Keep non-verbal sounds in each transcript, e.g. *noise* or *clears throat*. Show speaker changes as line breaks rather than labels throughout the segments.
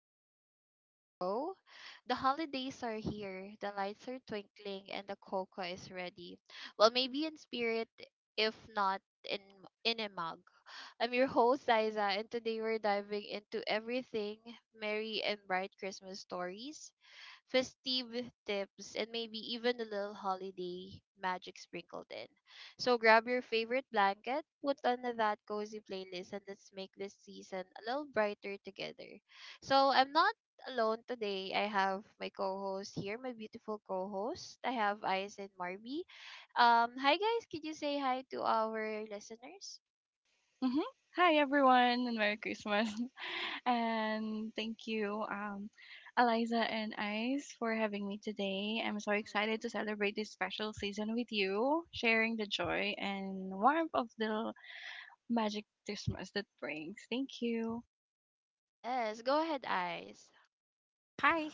welcome back to our show. The holidays are here, the lights are twinkling, and the cocoa is ready. Well, maybe in spirit, if not in a mug. I'm your host, Liza, and today we're diving into everything merry and bright: Christmas stories, festive tips, and maybe even a little holiday magic sprinkled in. So grab your favorite blanket, put on that cozy playlist, and let's make this season a little brighter together. So I'm not alone today. I have my co-host here, my beautiful co-host. I have Ice and Marby. Hi guys, could you say hi to our listeners?
Hmm Hi everyone and Merry Christmas. *laughs* And thank you, Eliza and Ice for having me today. I'm so excited to
Mhm.
celebrate this special season with you, sharing the joy and warmth of the magic Christmas that brings. Thank you.
Yes, go ahead, Ice.
Hi,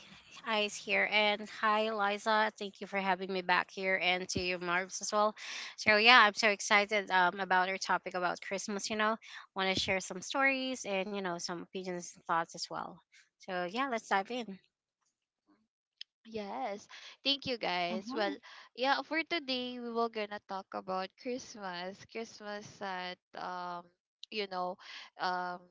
Ice here, and hi, Eliza. Thank you for having me back here, and to you, Marv's as well. So yeah, I'm so excited about our topic about Christmas. Want to share some stories and some opinions and thoughts as well. So yeah, let's dive in.
Yes, thank you guys.
Mm-hmm.
Well, yeah, for today we will gonna talk about Christmas. Christmas at you know, um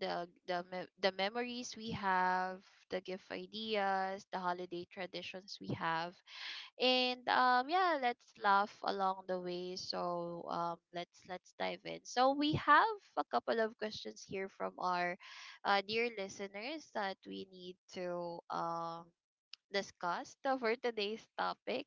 the memories we have, the gift ideas, the holiday traditions we have. And yeah, let's laugh along the way. So let's dive in. So we have a couple of questions here from our dear listeners that we need to discussed for *laughs* today's topic.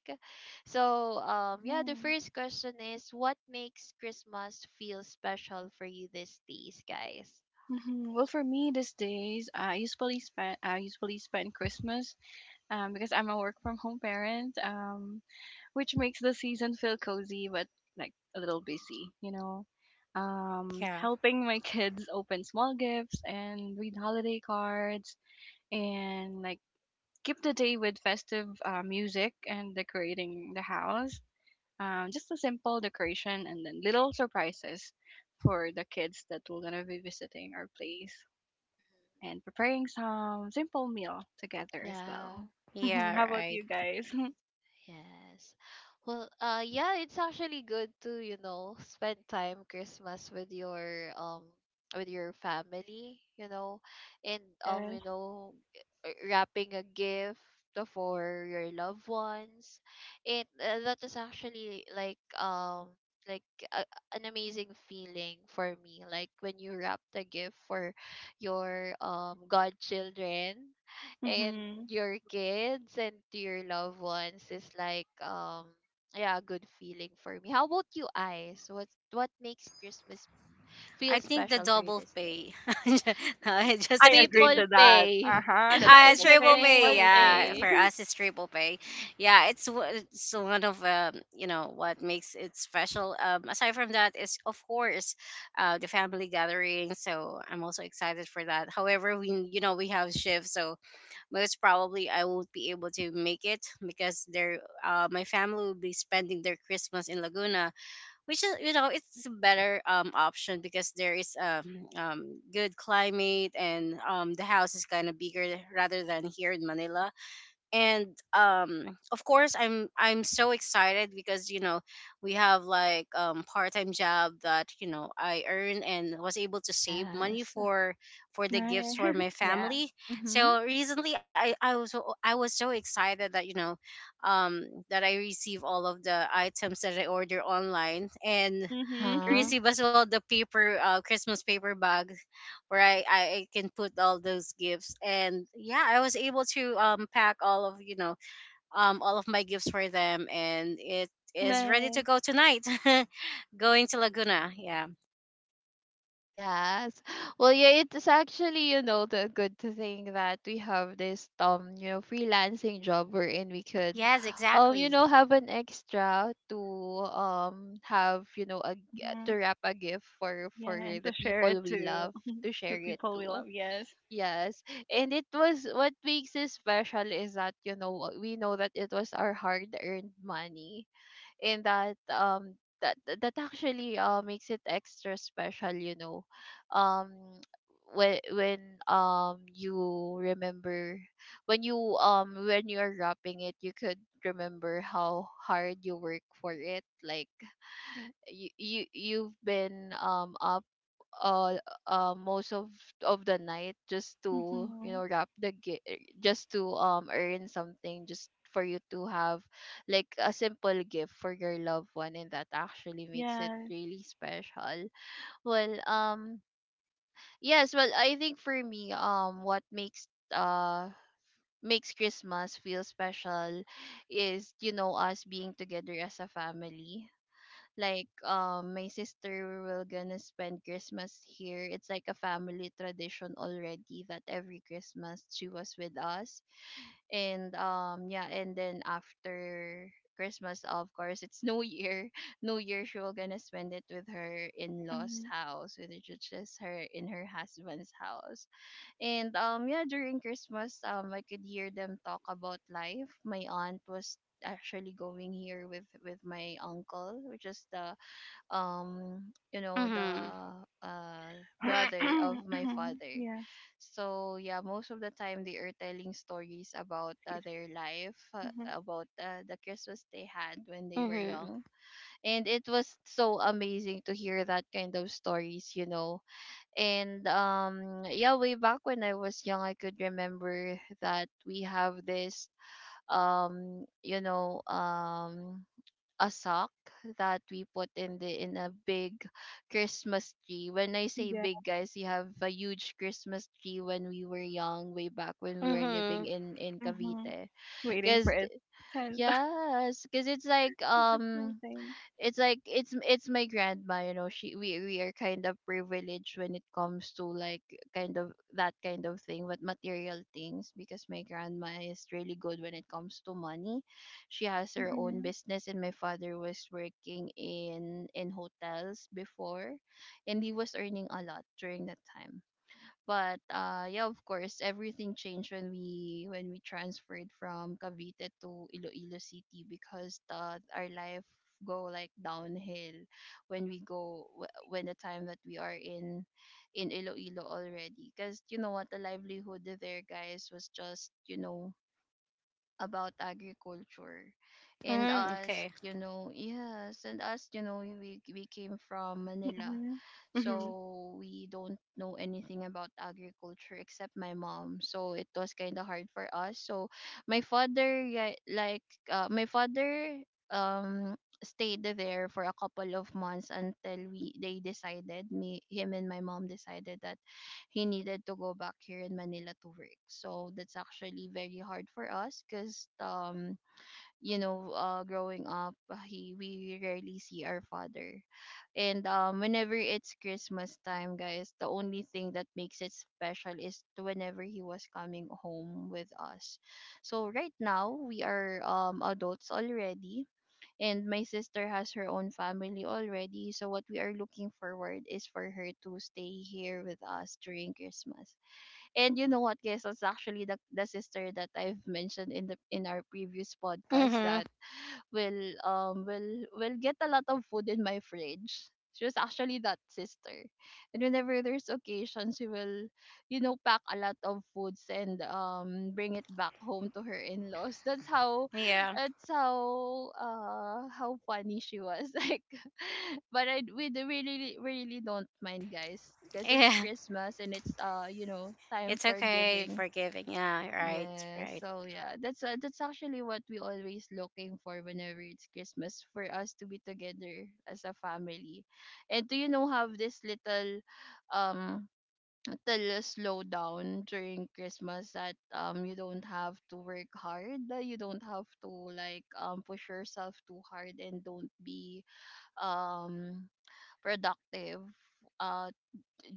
So, yeah, the
Mm-hmm.
first question is, what makes Christmas feel special for you these days, guys?
hmm Well, for me, these days, I usually spend Christmas because I'm a work from home parent, which makes the season feel cozy but like a little busy.
Yeah,
Helping my kids open small gifts and read holiday cards and like keep the day with festive music and decorating the house. Just a simple decoration and then little surprises for the kids that we're gonna be visiting our place
Mm-hmm.
and preparing some simple meal together as
Yeah.
well. *laughs*
yeah,
How about
right.
you guys?
Yes. Well, yeah, it's actually good to, you know, spend time Christmas with your family, you know, and
*laughs* yes.
you know, wrapping a gift for your loved ones. It that is actually like like a, an amazing feeling for me, like when you wrap the gift for your godchildren and
hmm
your kids and to your loved ones, is like yeah, a good feeling for me. How about you, Eyes? What makes Christmas
I
feel
think the
special for you
double
these
pay.
days?
*laughs* No,
Y-
I'm
y-
just
I agree
Triple
kidding.
to that. Uh
pay. *laughs*
huh. The
It's
triple
a
Triple
pay,
pay.
triple
double
Yeah,
pay.
pay.
for us it's triple pay. Yeah, it's one of you know what makes it special. Aside from that is of course, the family gathering. So I'm also excited for that. However, we we have shifts, so most probably I won't be able to make it because they're my family will be spending their Christmas in Laguna, which is it's a better option because there is good climate and the house is kind of bigger rather than here in Manila, and of course I'm so excited because you know we have like part-time job that I earn and was able to save money
Yes.
for
*laughs*
the gifts
nice.
for my
*laughs* Yeah.
family.
Mm-hmm.
So recently I was so excited that um I receive all of the items that I order online and
Mm-hmm.
Uh-huh.
receive as well the paper Christmas paper bag where I can put all those gifts. And yeah, I was able to pack all of my gifts for them, and it
*laughs*
is ready to
nice.
go tonight. *laughs* Going to Laguna, yeah.
Yes. Well, yeah, it's actually, you know, the good thing that we have this you know, freelancing job wherein we could
Yes,
you
exactly.
know, have an extra to have, you know, a g-
Mm-hmm.
to wrap a gift for
Yeah, and to
the
share
people
it
we
to
love, to
the
share it
people we
to.
love. Yes.
Yes. And it was, what makes it special is that, you know, we know that it was our hard-earned money. In that that that actually makes it extra special, you know, um when you remember when you when you're wrapping it, you could remember how hard you work for it. Like you, you've been up uh most of the night just to, you
Mm-hmm.
know, just to earn something just for you to have like a simple gift for your loved one. And that actually makes it
Yes.
really special. Well, yes. Well, I think for me, what makes makes Christmas feel special is, you know, us being together as a family. Like, my sister will gonna spend Christmas here. It's like a family tradition already that every Christmas she was with us. And yeah, and then after Christmas, of course, it's New Year. *laughs* New Year, she will gonna spend it with her in-laws
Mm-hmm.
house, with which is just her in her husband's house. And yeah, during Christmas, I could hear them talk about life. My aunt was actually going here with my uncle, which is the um you know
Mhm.
the uh brother of my
*clears throat*
father.
yes.
So yeah, most of the time they are telling stories about their life,
Mm-hmm.
about the Christmas they had when they were
Mhm.
young. And it was so amazing to hear that kind of stories, you know. And yeah, way back when I was young, I could remember that we have this um you know um a sock that we put in the in a big Christmas tree. When I say
Yeah.
big, guys, we have a huge Christmas tree when we were young, way back when we were living
Mhm.
in
Mm-hmm.
Cavite.
Waiting for
Cause
it.
th-
Ten. *laughs*
yes, cause it's like
That's the thing. *laughs*
it's like it's my grandma. You know, she we are kind of privileged when it comes to like kind of that kind of thing, but material things, because my grandma is really good when it comes to money. She has her own
Mm-hmm.
business, and my father was working in hotels before, and he was earning a lot during that time. But yeah, of course, everything changed when we transferred from Cavite to Iloilo City, because the our life go like downhill when when the time that we are in Iloilo already. Because you know what, the livelihood there, guys, was just, you know, about agriculture. And
Mhm.
us,
Okay.
you know, yes, and us, you know, we came from Manila,
Mm-hmm.
so we don't know anything about agriculture except my mom, so it was kind of hard for us. So my father, yeah, like my father um stayed there for a couple of months until we they decided, me, him, and my mom decided that he needed to go back here in Manila to work. So that's actually very hard for us, because you know, growing up, he we rarely see our father. And whenever it's Christmas time, guys, the only thing that makes it special is to whenever he was coming home with us. So right now we are adults already, and my sister has her own family already, so what we are looking forward is for her to stay here with us during Christmas. And you know what, guys, that's actually the sister that I've mentioned in the in our previous podcast that
Mhm.
will will get a lot of food in my fridge. She was actually that sister. And whenever there's occasions, she will, you know, pack a lot of foods and bring it back home to her in-laws. *laughs* That's how
Yeah,
how funny she was. *laughs* Like, but I, we do really really don't mind, guys, because it's
yeah.
Christmas and it's you know,
*laughs*
time
It's
for
okay
giving.
forgiving, yeah, right,
Yes.
right,
So yeah, that's actually what we always looking for whenever it's Christmas, for us to be together as a family. And do you know have this little um little slowdown during Christmas that you don't have to work hard, you don't have to like push yourself too hard and don't be um productive. Uh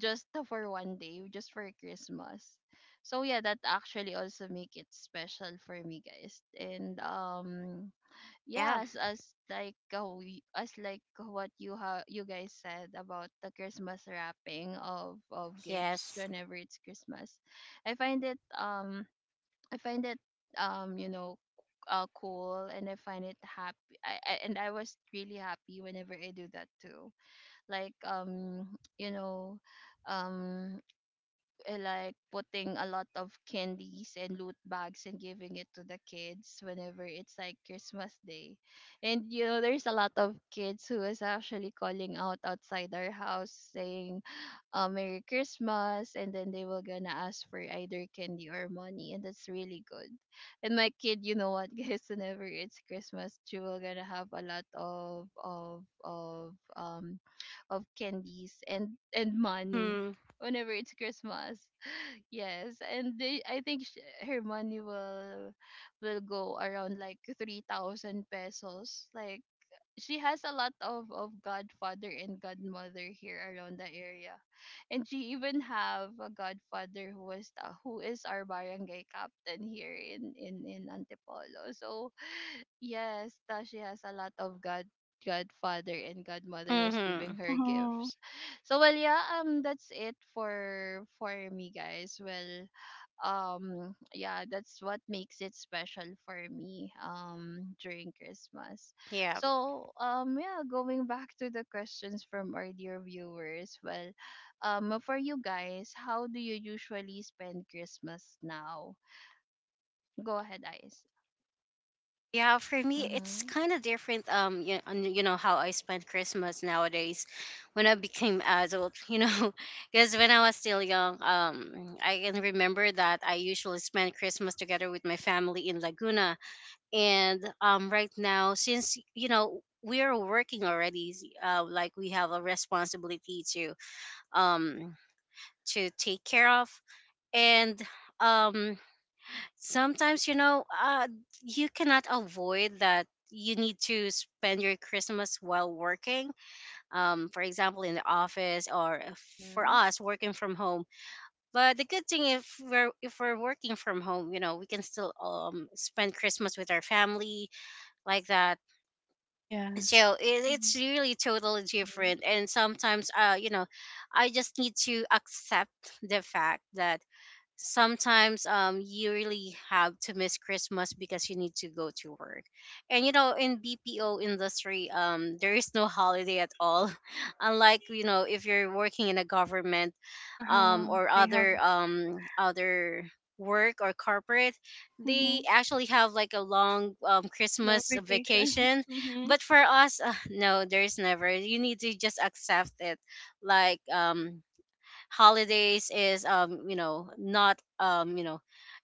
just *laughs* for one day, just for Christmas. So yeah, that actually also make it special for me, guys. And
yeah.
yeah, as like how we, as like what you guys said about the Christmas wrapping of gifts
Yes.
whenever it's Christmas, I find it um I find it um you know cool, and I find it happy. I and I was really happy whenever I do that too. Like you know um like putting a lot of candies and loot bags and giving it to the kids whenever it's like Christmas Day. And you know, there's a lot of kids who is actually calling out outside our house saying, Merry Christmas, and then they were gonna ask for either candy or money, and that's really good. And my kid, you know what, *laughs* guys, whenever it's Christmas, she will gonna have a lot of of candies and money
Mhm.
whenever it's Christmas. Yes, and they, I think her money will go around like 3,000 pesos. Like, she has a lot of godfather and godmother here around the area, and she even have a godfather who was who is our barangay captain here in Antipolo. So yes, Tashi has a lot of godfather and godmother who's giving
Mhm.
her
Mhm.
gifts. So well, yeah, that's it for me, guys. Well, yeah, that's what makes it special for me during Christmas.
Yeah.
So yeah, going back to the questions from our dear viewers, well, for you guys, how do you usually spend Christmas now? Go ahead, Ice.
Yeah, for me, it's
Mm-hmm.
kind of different. You know how I spend Christmas nowadays, when I became adult. *laughs* You know, because when I was still young, I can remember that I usually spend Christmas together with my family in Laguna. And right now, since you know we are working already, like we have a responsibility um to take care of, and um sometimes you cannot avoid that you need to spend your Christmas while working, for example in the office, or for
Mm-hmm.
us working from home. But the good thing, if we're working from home, you know we can still spend Christmas with our family like that.
Yes.
So it's
Mm.
really totally different. And sometimes you know, I just need to accept the fact that sometimes you really have to miss Christmas because you need to go to work. And you know, in BPO industry there is no holiday at all. *laughs* Unlike you know, if you're working in a government
Uh-huh.
or
They have
other other work or corporate, they
mhm.
actually have like a long Christmas
Notification.
vacation.
*laughs* Mhm.
But for us, no, there's never, you need to just accept it. Like holidays is not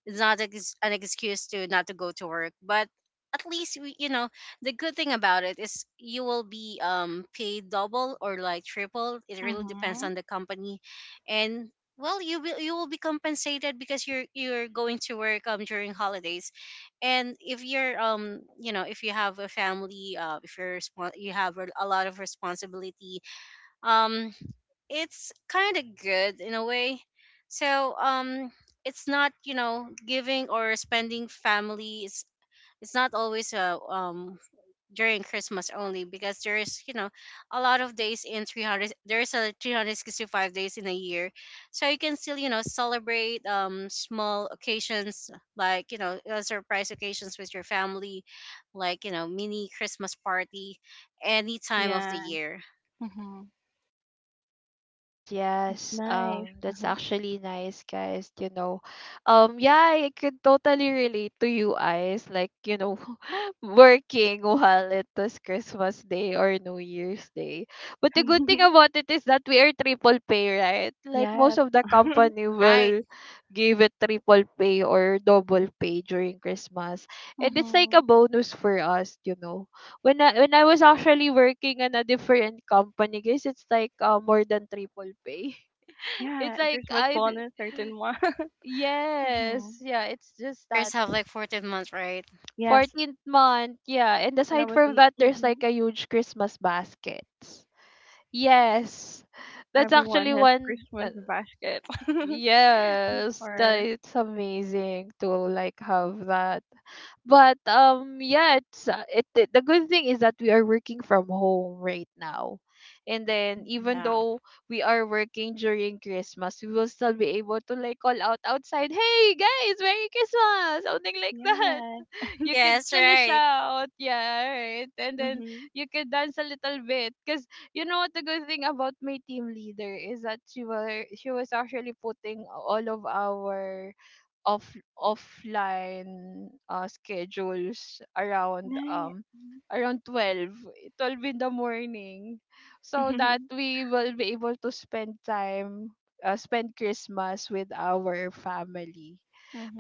it's not an excuse to not to go to work, but at least we, you know, the good thing about it is you will be paid double or like triple. It really depends
Mhm.
on the company. And well, you will be compensated because you're going to work during holidays. And if you're if you have a family, if you're respon- you have a lot of responsibility, um it's kind of good in a way. So it's not you know giving or spending family. It's not always during Christmas only, because there is you know a lot of days in 300. There is a 365 days in a year, so you can still you know celebrate small occasions, like you know surprise occasions with your family, like you know mini Christmas party, any time of the
Yeah.
year.
Mhm.
Yes, yes.
That's nice.
That's
Uh-huh.
actually nice, guys. You know, yeah, I could totally relate to you guys. Like, you know, *laughs* working while it was Christmas Day or New Year's Day. But the good thing
*laughs*
about it is that we are triple pay, right? Like most
yes.
of the company
*laughs*
Right?
will give it triple pay or double pay during Christmas, and it's like a
mhm.
bonus for us, you know, when I was actually working in a different company, guys, it's like more than triple pay. *laughs*
Yeah.
It's like
Christmas
I,
bonus, certain one. *laughs* mhm.
yes, yeah, it's
Yours
just
have
that
like 14 months, right?
Yes.
14th month, yeah. And
When I
aside
was
from
in,
that, there's like
mhm.
a huge Christmas baskets. Yes. That's
Everyone
actually
has
one
Christmas basket. *laughs*
yes, that
or
it's amazing to like have that. But yeah, it's it the good thing is that we are working from home right now. And then even
Yeah.
mhm.
though we are working during Christmas, we will still be able to call out outside, "Hey guys, Merry Christmas." Something like *laughs* that
Yeah.
you could
Yes,
still
right.
shout, yeah, right? And then
Mhm.
you could dance a little bit. Cause you know what, the good thing about my team leader is that she was actually putting all of our offline schedules around
Nice.
around 12, 12 in the morning, so that
*laughs*
we will be able to spend time spend Christmas with our family.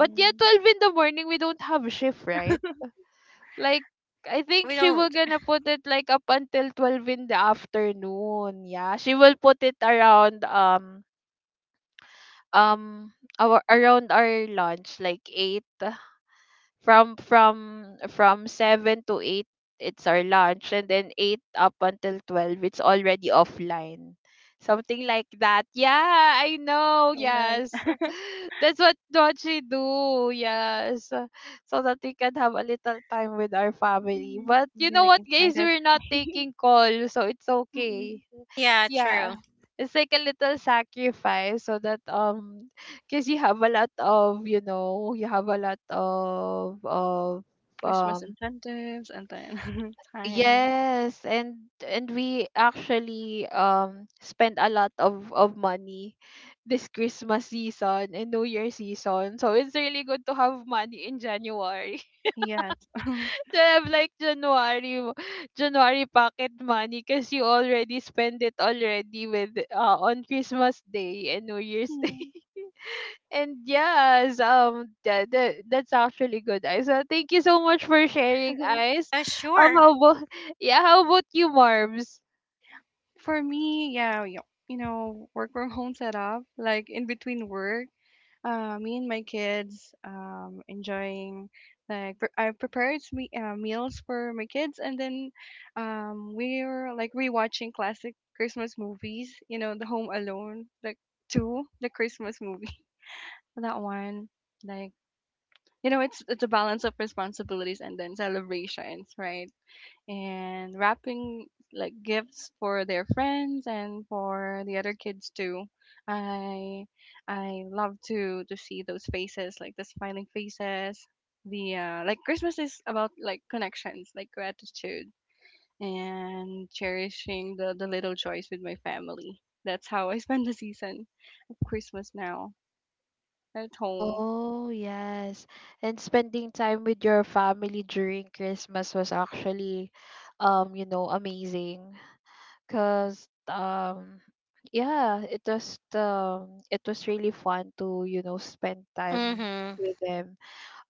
But yeah, 12 in the morning we don't have shift, right? Like, I think
We
she will
don't.
gonna put it like up until 12 in the afternoon. Yeah, she will put it around um our around our lunch, like eight. From from 7 to 8 it's our lunch, and then 8 up until 12 it's already offline, something like that. Yeah, I know.
So nice.
Yes,
*laughs*
*laughs* that's what she do. Yes, so that we can have a little time with our family.
Mhm.
But
I'm
you know
getting
what guys,
excited.
we're not
*laughs*
taking call, so it's okay.
Mm-mm.
Yeah, true.
Yeah, it's like a little sacrifice so that because you have a lot of, you know, you have a lot of
Christmas
um
incentives and then *laughs* time.
yes. And and we actually spend a lot of money this Christmas season and new year season, so it's really good to have money in January.
Yes.
*laughs*
*laughs*
To have like January pocket money, because you already spend it already with on Christmas day and New Year's day.
Mm.
And yes, that's actually good, Ice. Well, thank you so much for sharing,
*laughs*
Ice.
Sure.
How about *laughs* yeah, how about you, Marbs?
For me, you know, work from home setup, like in between work, me and my kids enjoying like I prepared me meals for my kids and then we were like rewatching classic Christmas movies, you know, The Home Alone, like two, the Christmas movie. *laughs* That one, like you know, it's a balance of responsibilities and then celebrations, right? And wrapping like gifts for their friends and for the other kids too i i love to see those faces, like the smiling faces, the like Christmas is about like connections, like gratitude, and cherishing the little joys with my family. That's how I *laughs* spend the season of Christmas now at home.
Oh yes, and spending time with your family during Christmas was actually, you know, amazing. Cause yeah, it was really fun to, you know, spend time
Mhm.
with them,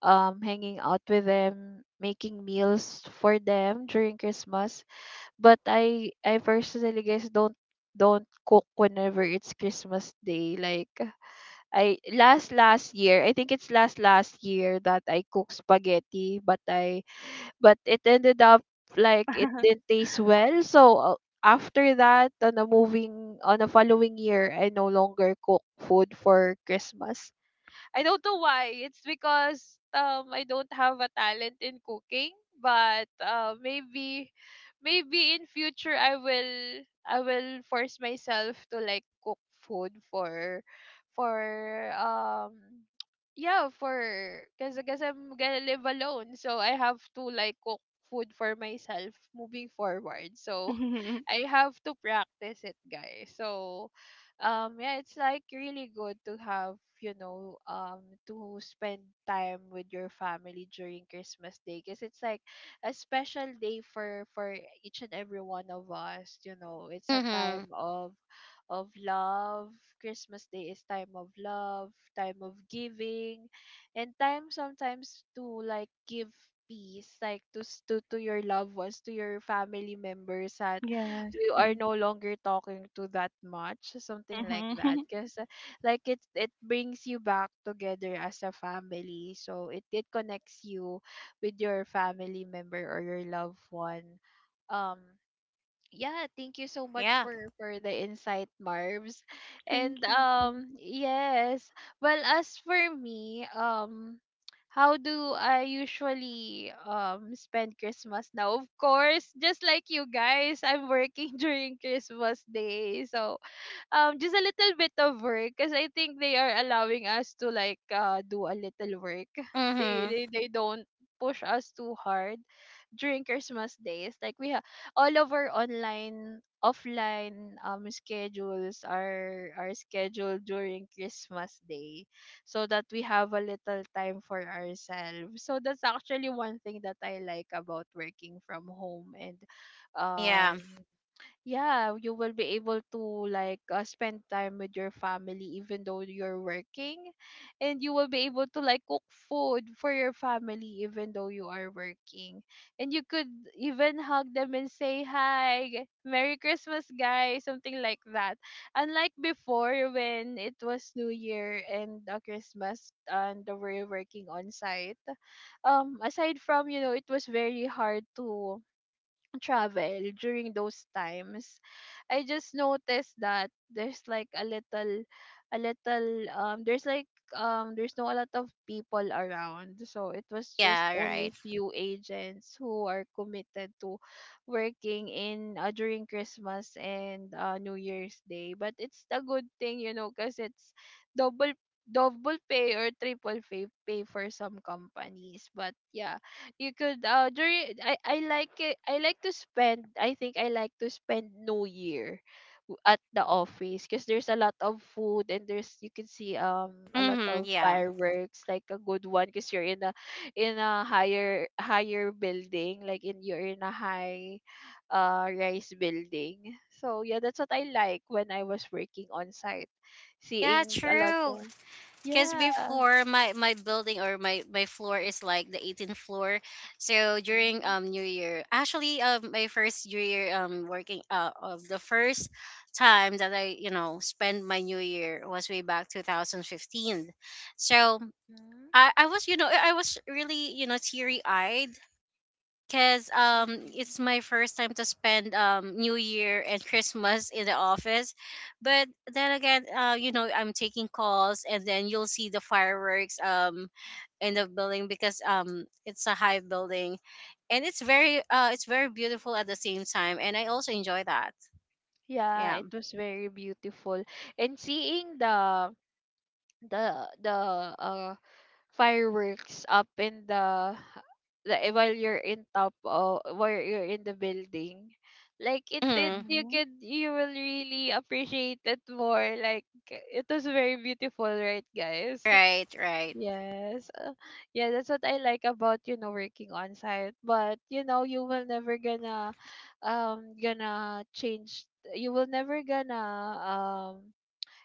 hanging out with them, making meals for them during Christmas. But I personally guess don't cook whenever it's Christmas day. Like I last last year, I think it's last last year that I cooked spaghetti, but I but it ended up like it didn't taste well. So after that, on a following year, I no longer cook food for Christmas. I don't know why. It's because I don't have a talent in cooking, but maybe maybe in future I will force myself to like cook food for um yeah for because I'm gonna live alone, so I have to like cook food for myself moving forward. So *laughs* I have to practice it, guys. So yeah, it's like really good to have, you know, um, to spend time with your family during Christmas day, because it's like a special day for each and every one of us. You know, it's a
Mhm.
time of love. Christmas day is time of love, time of giving, and time sometimes to like give peace, like to your loved ones, to your family members at
*laughs* Yes.
you are no longer talking to that much, something like
Mm-hmm.
that.
*laughs*
Because it brings you back together as a family. So it connects you with your family member or your loved one. um yeah, thank you so much
Yeah.
for the insight, Marbs. And
Thank you too.
yes, well, as for me, um, how do I usually spend Christmas now? Of course, just like you guys, I'm working *laughs* during Christmas day. So just a little bit of work, because I think they are allowing us to like do a little work. *laughs*
Mhm.
They don't push us too hard during Christmas days. Like we have all of our online offline schedules are scheduled during Christmas day, so that we have a little time for ourselves. So that's actually one thing that I like about working from home. And
Yeah.
um yeah, you will be able to like spend time with your family even though you're working, and you will be able to like cook food for your family even though you are working, and you could even hug them and say hi, Merry Christmas, guys, something like that. Unlike before, when it was New Year and Christmas and we were working on site, aside from, you know, it was very hard to travel during those times, I just noticed that there's like a little there's like there's no a lot of people around, so it was just
Yeah,
only
right.
few agents who are committed to working in during Christmas and New Year's day. But it's a good thing, you know, because it's double double pay or triple pay, pay for some companies. But yeah, you could during I like to spend, I think I like to spend New Year at the office, because there's a lot of food and there's you can see a lot
Mhm.
of
Yeah.
fireworks, like a good one, because you're in a higher building, like in you're in a high rise building. So yeah, that's what I like when I was working on site,
Yeah,
seeing a lot
true.
of
Cuz
yeah.
before my my building, or my floor is like the 18th floor. So during
Mhm.
New Year, actually my first New Year working of the first time that I, you know, spend my New Year was way back 2015. So
Mhm.
I was you know I was really you know teary eyed because
Mhm.
it's my first time to spend New Year and Christmas in the office, but then again you know I'm taking calls, and then you'll see the fireworks in the building because it's a high building, and it's very beautiful at the same time, and I also enjoy that.
Yeah,
Yeah.
it was very beautiful. And seeing the uh fireworks up in the while you're in top of while you're in the building, like it
Mhm.
you
Mm-hmm.
could, you will really appreciate it more. Like it was very beautiful, right, guys?
Right, right.
Yes. Yeah, that's what I like about, you know, working on site. But, you know, you will never gonna gonna change you will never gonna um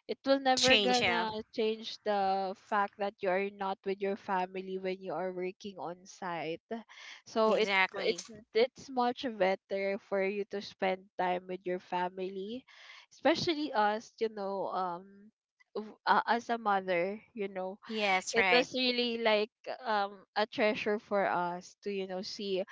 it will never
Change, yeah.
gonna change the fact that you are not with your family when you are working on site. So
Exactly.
it's much better for you to spend time with your family, especially us, you know, um, as a mother, you know,
Yes,
it
right.
was really like a treasure for us to, you know, see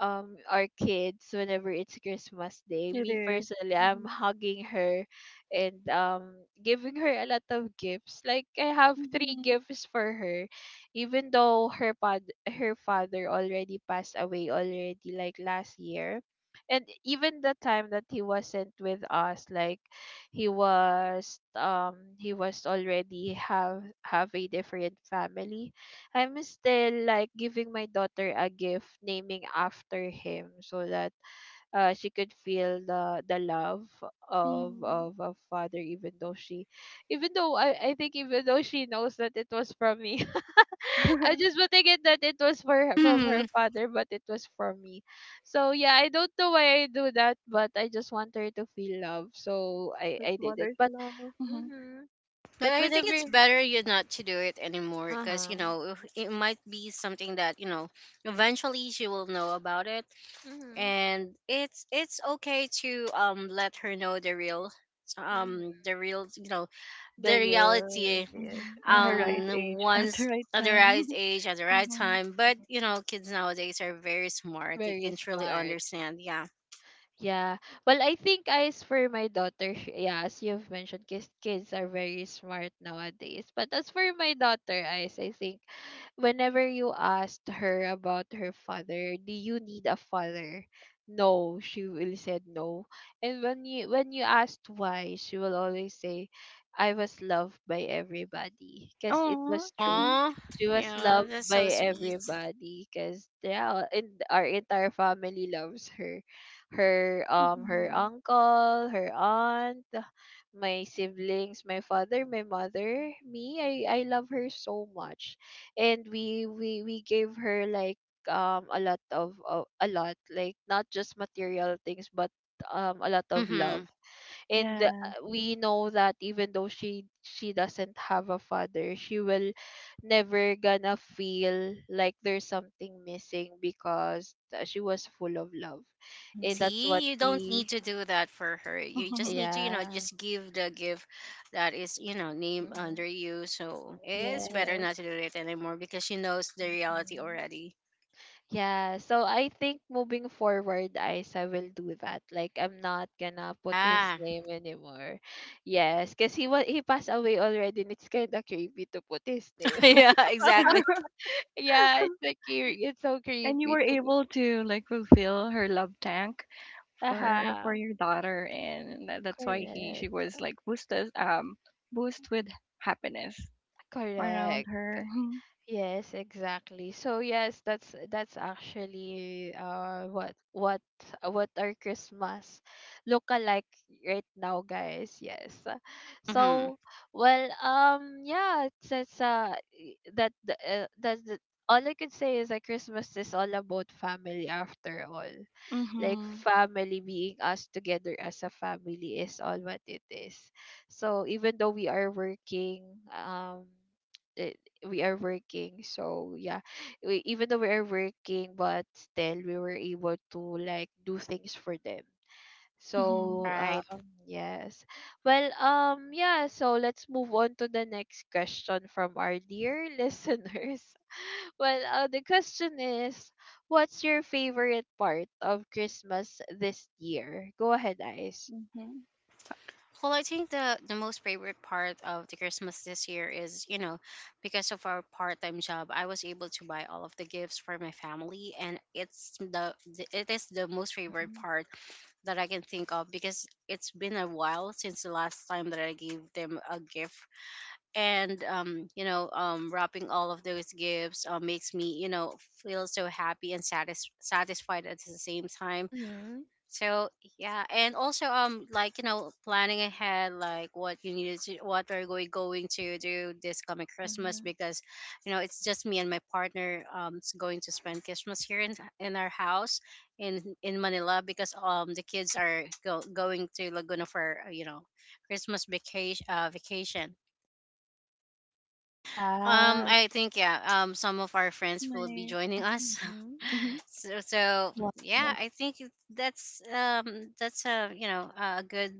our kids whenever it's Christmas Day.
It
Me
is.
personally, I'm
Mm-hmm.
hugging her and giving her a lot of gifts. Like I have three
Mm-hmm.
gifts for her, even though her father already passed away already like last year. And even the time that he wasn't with us, like he was already have a different family. I'm still like giving my daughter a gift naming after him, so that she could feel the love of a father, even though she, even though I think, even though she knows that it was from me. *laughs* I'm
Mm-hmm.
just putting it that it was from her
Mhm.
father, but it was from me. So yeah, I don't know why I do that, but I just want her to feel love. So
*laughs*
I
With
I did it.
mother's
But
love. Mm-hmm.
Mhm.
But
But
I think
whenever
it's better you not to do it anymore, because
uh-huh.
you know it might be something that you know eventually she will know about it,
Mhm.
and it's okay to let her know the real
Mhm.
um the real you know
The
the
real,
reality.
yeah.
Mm-hmm. In her
Uh-huh.
right
Um
age, *laughs* at the
once
right
At the
time.
right
*laughs*
age, at the right
Mm-hmm.
time. But you know kids nowadays are very smart; they
Very
can truly
smart.
understand. Yeah.
Yeah. Well, I think as for my daughter, *laughs* yeah, as you've mentioned, kids are very smart nowadays. But as for my daughter, Ice, I think whenever you asked her about her father, do you need a father? No, she will said no. And when you asked why, she will always say, I was loved by everybody. Because it
Oh.
was true.
Mm-hmm.
Oh,
She was
yeah,
loved
that's
by
so sweet.
everybody, because yeah, and our entire family loves her, her her
Mm-hmm.
uncle, her aunt, my siblings, my father, my mother, me. I love her so much, and we gave her like a lot of, of a lot, like not just material things, but a lot of
Mm-hmm.
love. And
Yeah.
we know that even though she doesn't have a father, she will never gonna feel like there's something missing, because she was full of love, and
Mm-hmm.
that's what
See, you don't
we
need to do that for her. You just
Mm-hmm.
need to, you know,
yeah
just give the gift that is, you know, named
hmm
under you. So it's better
yes
not to do it anymore because she knows the reality
hmm.
already.
Yeah, so I think moving forward, Isa will do that. Like, I'm not gonna put his
Ah,
name anymore. Yes, because he passed away already, and it's kind of creepy to put his name.
*laughs* yeah, exactly.
*laughs*
Yeah, it's like cre it's so
And you were
creepy to
able to like fulfill her love tank for
uh-huh.
your daughter, and that's why he
Correct,
she was like boosted boost with happiness around
correct.
her. *laughs*
Yes, exactly. So yes, that's actually what our Christmas look like right now, guys. Yes.
Mm-hmm.
So well, yeah, it's I- that the- that's the, all I could say is that Christmas is all about family after all. Like
Mm-hmm.
family being us together as a family is all what it is. So even though we are working, um it- we are working. So yeah, we, even though we are working, but still we were able to like do things for them.
Mhm.
So
Right.
yes. So let's move on to the next question from our dear *laughs* listeners. The question is, what's your favorite part of Christmas this year? Go ahead, Ice.
Mhm.
Well, I think the most favorite part of the Christmas this year is, you know, because of our part-time job, I was able to buy all of the gifts for my family, and it's the it is the most favorite
Mm-hmm.
part that I can think of, because it's been a while since the last time that I gave them a gift. And you know, wrapping all of those gifts makes me, you know, feel so happy and satisfied at the same time.
Mm-hmm.
So yeah, and also like you know planning ahead, like what you needed, to what are we going to do this coming Christmas.
Mm-hmm.
Because you know it's just me and my partner going to spend Christmas here in our house in Manila, because the kids are going to Laguna for you know Christmas vacation, vacation.
Yes.
I think yeah. Some of our friends will be
Nice.
joining us.
Mm-hmm.
Mhm.
*laughs* So
Wow.
yeah, I think that's a you know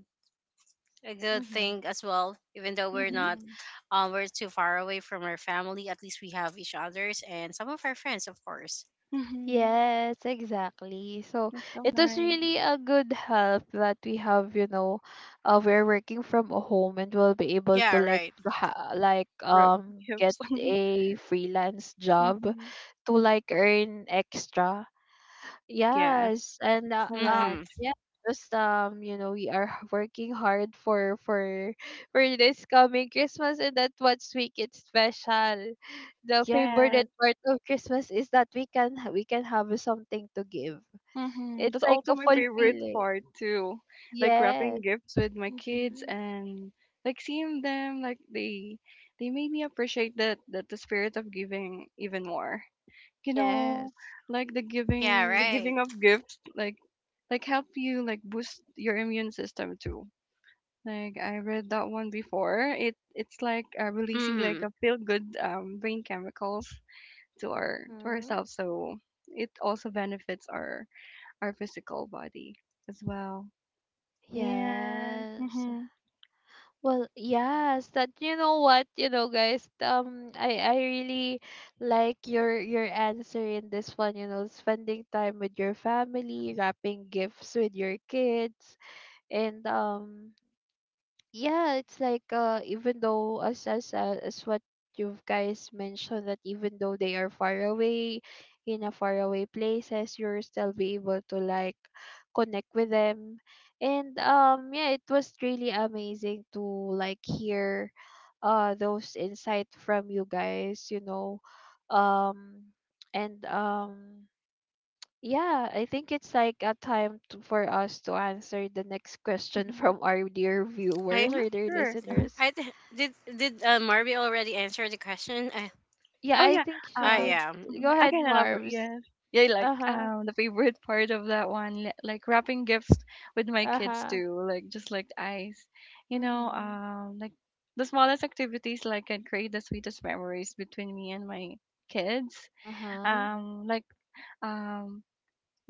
a good
Mm-hmm.
thing as well. Even though we're
Mhm.
not,
Mm-hmm.
we're too far away from our family, at least we have each other's and some of our friends, of course.
Mhm.
Yes, exactly. So
That's so
it was
nice.
really a good help that we have, you know, we're working from a home and we'll be able to
Yeah,
like
right.
ha- like
Rope
um get
tips. *laughs*
a freelance job
mhm.
to like earn extra.
Yes.
Yes, and
Mm-hmm.
Correct.
yeah, just you know, we are *laughs* working hard for for this coming Christmas, and that what make it special. The favorite
Yes.
part of Christmas is that we can have something to give.
Mhm.
It's
That's
like
also
a
my favorite
fulfilling.
part too. Like
Yes.
wrapping gifts with my kids
Mm-hmm.
and like seeing them, like they made me appreciate that the spirit of giving even more. You know,
Yes.
like the
Yeah.
giving the
Right.
giving of gifts like help you like boost your immune system too. Like I read that one before. It it's like releasing like
Mm.
a feel good brain chemicals to
Mm-hmm.
ourselves. So it also benefits our physical body as well. And
Yes.
mm-hmm,
Well, yes, that you know what, You know guys, I really like your answer in this one, you know, spending time with your family, wrapping gifts with your kids. And Yeah, it's like even though as what you guys mentioned, that even though they are far away in a faraway places, you'll still be able to like connect with them. And yeah, it was really amazing to like hear those insight from you guys, you know um and Yeah, I think it's like a time for us to answer the next question
mm-hmm,
from our dear
I
viewers
hmm
or dear
sure.
listeners.
I did Marby already answer the question?
Yeah,
Oh
I
yeah,
think she did.
um,
Yeah.
mhm,
Go
Okay.
I
ahead,
can elaborate.
Marvs.
Yes, yeah, like
Uh huh.
the favorite part of that one, like wrapping gifts with my
Uh
kids
huh.
too, like just like the ice, you know,
Mm-hmm.
like the smallest activities like can create the sweetest memories between me and my kids.
Uh huh.
Um, like um,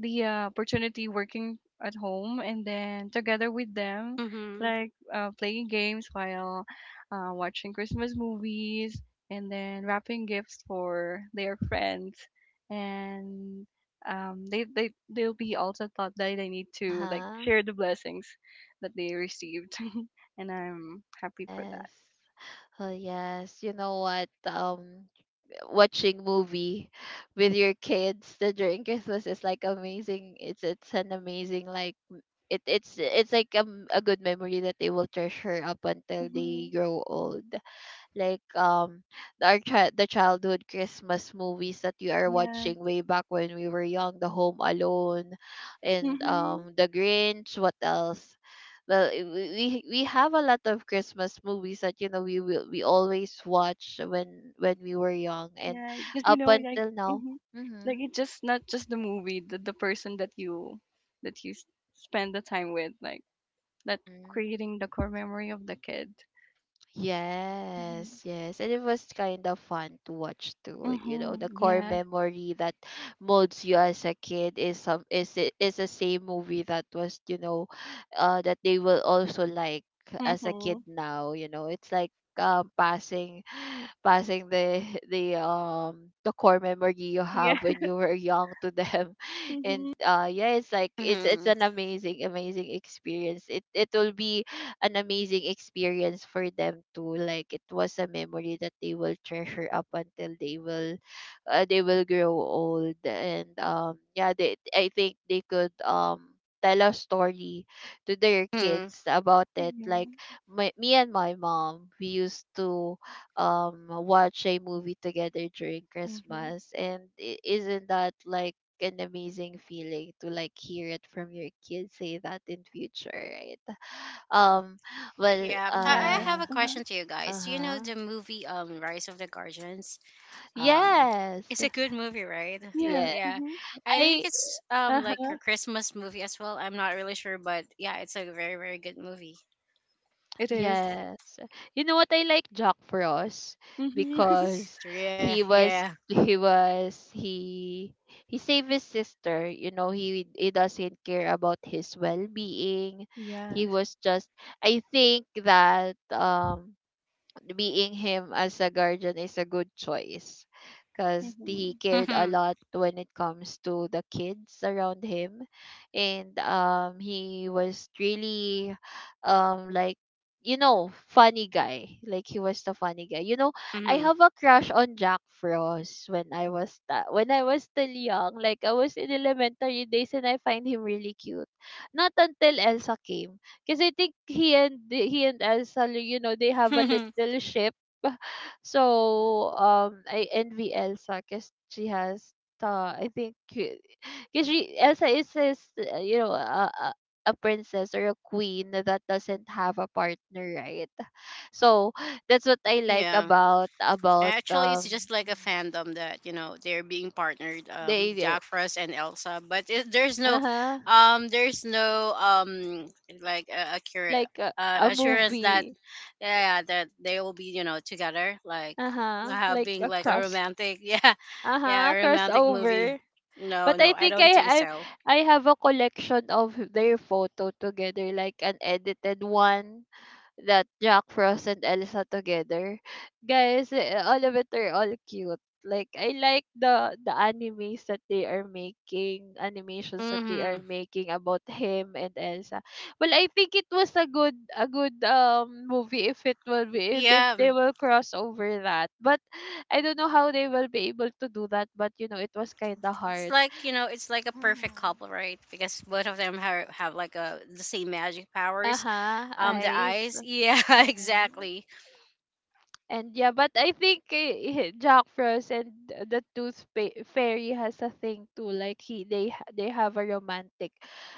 the opportunity working at home and then together with them,
Mm-hmm.
like playing games while watching Christmas movies and then wrapping gifts for their friends and they'll be also thought that they need
Uh
to like
huh.
share the blessings that they received. *laughs* And I'm happy for
Yes.
that.
Oh yes. You know what? Watching movie with your kids that during Christmas is like amazing. It's an amazing it's like a, a good memory that they will treasure up until
Hmm
they grow old. Like the, the childhood Christmas movies that we are
Yeah.
watching way back when we were young, The Home Alone, and
mm-hmm.
um The Grinch. What else? Well, we have a lot of Christmas movies that you know we always watch when we were young and
Yeah, because you
up
know, like,
until now.
hmm like
Mm-hmm.
it's just not just the movie, the person that you spend the time with, like that
Mm-hmm.
creating the core memory of the kid. Mm-hmm.
Yes, yes. And it was kind of fun to watch too. Like, you know, the
Mm-hmm.
core
Yes.
memory that molds you as a kid is some is it is the same movie that was, you know, that they will also like as a
Mm-hmm.
kid now, you know. It's like passing *sighs* passing the the core memory you
Yeah.
have when
*laughs*
you were young to them. *laughs* and
Mm-hmm.
uh yeah, it's like it's
Mm-hmm.
an amazing amazing experience. It will be an amazing experience for them too. Like it was a memory that they will treasure up until they will grow old. And yeah, they I think they could tell a story to their kids about it, like,
Mm-hmm.
my, me and my mom, we used to watch a movie together during
Mm-hmm.
Christmas. Isn't that like an amazing feeling to like hear it from your kids say that in future, right? um, well,
Yeah, I
Yes.
have
uh,
a
Mm-hmm.
question to you guys. You know
uh-huh.
the movie Rise of the Guardians? Um,
Yes.
it's a good movie, right? So
Yes.
Yeah.
yeah.
Mm-hmm.
I think
I
it's like
Uh-huh.
a Christmas movie as well. I'm not really sure, but yeah, it's a very, very good movie. *laughs*
It is.
Yes. You know what, I like Jack Frost,
Mm-hmm. *laughs*
because
Yeah,
he was
yeah.
he was he he saved his sister, you know. He doesn't care about his well-being. He
Yes.
was just I think that being him as a guardian is a good choice, because
Mm-hmm.
he cared a
Mm-hmm.
lot when it comes to the kids around him. And he was really um like you know, funny guy. Like, he was the funny guy, you know. I have a crush on Jack Frost when when I was still young, like I was in elementary days, and I find him really cute, not until Elsa came, because I think he and Elsa, you know, they have a
Mm-hmm.
little ship. So I envy Elsa because she has the I think because she Elsa is his, you know, a princess or a queen that doesn't have a partner, right? So that's what I
*laughs*
like
yeah.
about about
Actually, it's just
um
like a
mm,
fandom that you know they're being partnered,
the idea.
Jack Frost and Elsa. But it,
Uh huh.
there's no like a
Like a
assurance that
movie.
yeah that they will be you know together, like
Uh huh. Like
having
a
like a
cross.
romantic *laughs*
Uh
yeah,
huh.
a romantic movie.
Crossover.
No,
But
no,
I
I
think
don't think so.
I have a collection of their photo together, like an edited one, that Jack Frost and Elsa together. Guys, eh, all of it are all cute. Like, I like the animes that they are making, animations that they are
Mm-hmm.
making about him and Elsa. Well, I think it was a good movie if it will be, if
Yeah,
they will cross over that. But I don't know how they will be able to do that, but you know, it was kind of
it's like
hard.
you know it's like a perfect couple,
Mhm.
right? Because both of them have like a the same magic powers,
Uh-huh,
the
eyes.
eyes, yeah. *laughs*
Mhm.
Exactly.
And yeah, but I think eh, *laughs* Jack Frost and the Fairy has a thing too. Like, they have a romantic,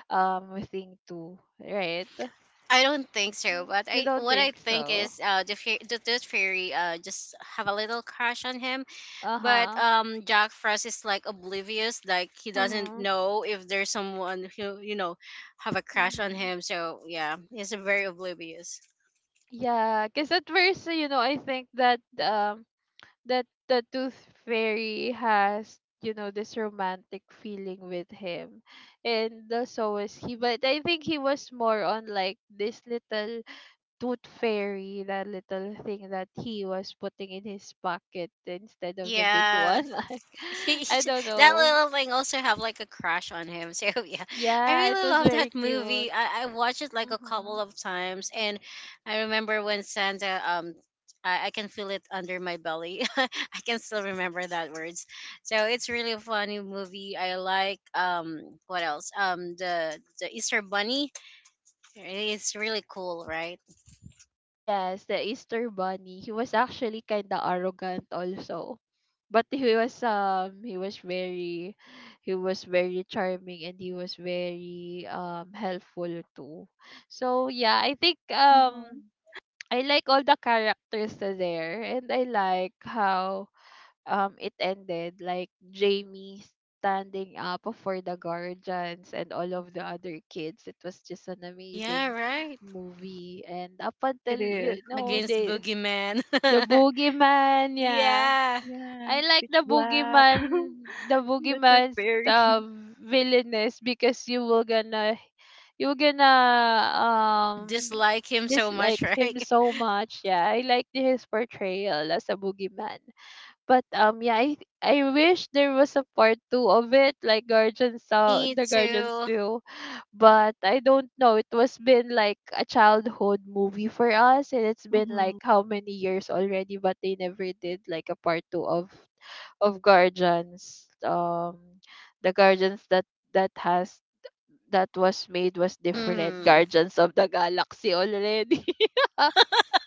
thing too, right?
I don't think so, but
You
I
don't
what I
think
think
so?
is the tooth fairy just have a little crush on him.
Uh
But
huh.
Jack Frost is like oblivious, like he
Uh
doesn't
huh.
know if there's someone who you know have a crush on
Mhm.
him, so yeah, he's very oblivious.
Yeah, because at first, you know, I think that the tooth fairy has, you know, this romantic feeling with him. And So is he, but I think he was more on like this little tooth fairy, that little thing that he was putting in his pocket, instead of the big
Yeah.
one
*laughs*
*laughs* like, I
He's-
don't
that
know.
little thing also have like a crush on him. So *laughs* yeah, I
Yeah, it
really
was
love
very
that
cute.
movie. I watched it like a
Mm-hmm.
couple of times, and I remember when Santa I can feel it under my belly. *laughs* I can still remember that words. So it's really a funny movie. I like what else? The Easter bunny. It's really cool, right?
Yes, the Easter Bunny. He was actually kind of arrogant also. But he was very, he was very charming, and he was very helpful too. So yeah, I think
Mm-hmm.
I like all the characters are there, and I like how it ended, like Jamie standing up for the guardians and all of the other kids. It was just an
Yeah,
amazing
right.
movie. And up until
It
you
is.
know,
Mm-hmm.
Against Boogeyman.
the
*laughs*
boogeyman, yeah.
yeah.
I
Yeah.
like
Pitch
the
black.
boogeyman, the
*laughs* The tooth
boogeyman's
fairy.
uh,
*laughs*
villainous, because you were gonna um
Dislike him so much,
dislike
*laughs*
him
right?
so much. Yeah, I like his portrayal as a boogeyman. But yeah, I wish there was a part two of it, like Guardians
Me
the Guardians
too.
2. But I don't know. It was been like a childhood movie for us, and it's been like how many years already, but they never did like a part two of Guardians. The Guardians that has that was made was different.
Mm,
Guardians of the Galaxy already.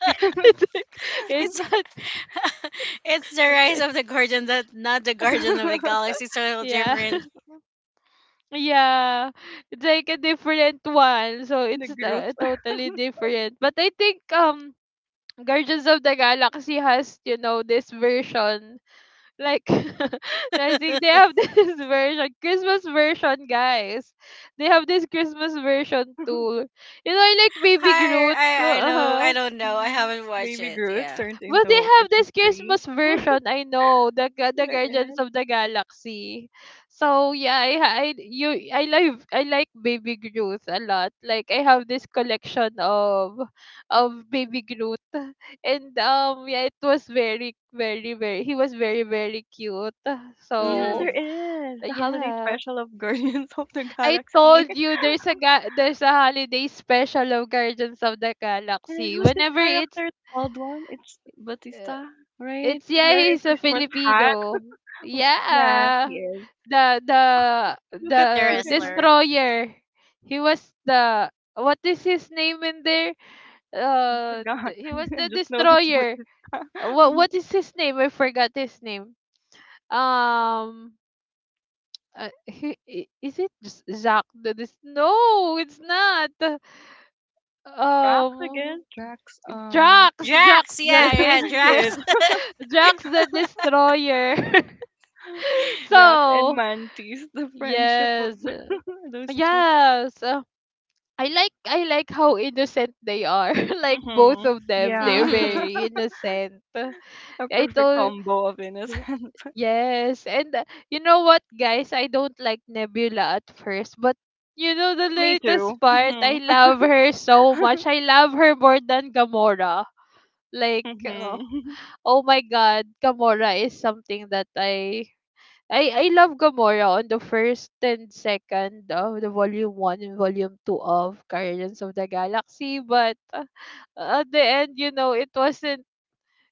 Mm-hmm.
It's like,
*laughs*
it's
it's
not.
*laughs* it's the
*laughs* It's
Rise
like,
of the Guardian, that not the Guardian of the
*laughs*
Galaxy. It's a little
yeah.
different.
*laughs* Yeah, it's like a different one. So
The
it's
Groot.
totally different. But I think Guardians of the Galaxy has, you know, this version. Like *laughs* I think they
*laughs* I,
have this *laughs* version, Christmas version, guys. They have this Christmas version
*laughs*
too. You know, like Baby Groot.
I know, I
Uh-huh.
don't know. I
yeah.
haven't watched
Baby
it.
Groot
Yeah.
turned
Well,
into
they
a
have
Christmas
this
tree.
Christmas
*laughs*
version. I know the the
there
Guardians
is.
of the Galaxy. So yeah, I like Baby Groot a lot. Like, I have this collection of Baby Groot, and yeah, it was very very very, he was very very cute.
Oh yeah,
So
there
Mm-hmm.
is. The holiday
yeah,
special of Guardians *laughs* of the
I
Galaxy.
told you
*laughs*
there's there's a holiday special of Guardians of the
And
Galaxy.
who's this
Whenever it's
character? The bald one? It's Batista, right?
It's yeah,
Wearing a
he's a
Christmas hat.
Filipino.
Mm, yeah, he
Yeah.
is.
The the
*laughs* Look
the
at
The
him.
wrestler
destroyer. He was the, what is his name in there?
I forgot.
He was
*laughs* I
the
just know it's
destroyer.
Batista. *laughs*
What is his name? I forgot his name. Um he, is it Zach the no, it's not.
Drax
Um,
again. Drax,
Drax.
Drax
Yeah,
*laughs*
yeah,
the,
Yes.
Drax.
*laughs* the Drax the destroyer. *laughs*
Drax and
So,
Mantis, the friendship of
yes.
*laughs* those 2.
Yes. I like how innocent they are. *laughs* Like both
Hmm
of
*laughs*
them,
Yeah,
they're
mm-hmm.
very
*laughs*
innocent.
a
I
perfect
told
combo of
y-
innocence. *laughs*
yes, and you know what, guys? I don't like Nebula at first, but you know the
Me too.
latest part, I
Mm-hmm.
love her so
*laughs*
much. I love her more than Gamora. Like,
hmm
oh my God, Gamora is something that I love Gamora on the first and second of the volume one and volume two of Guardians of the Galaxy, but at the end, you know, it wasn't.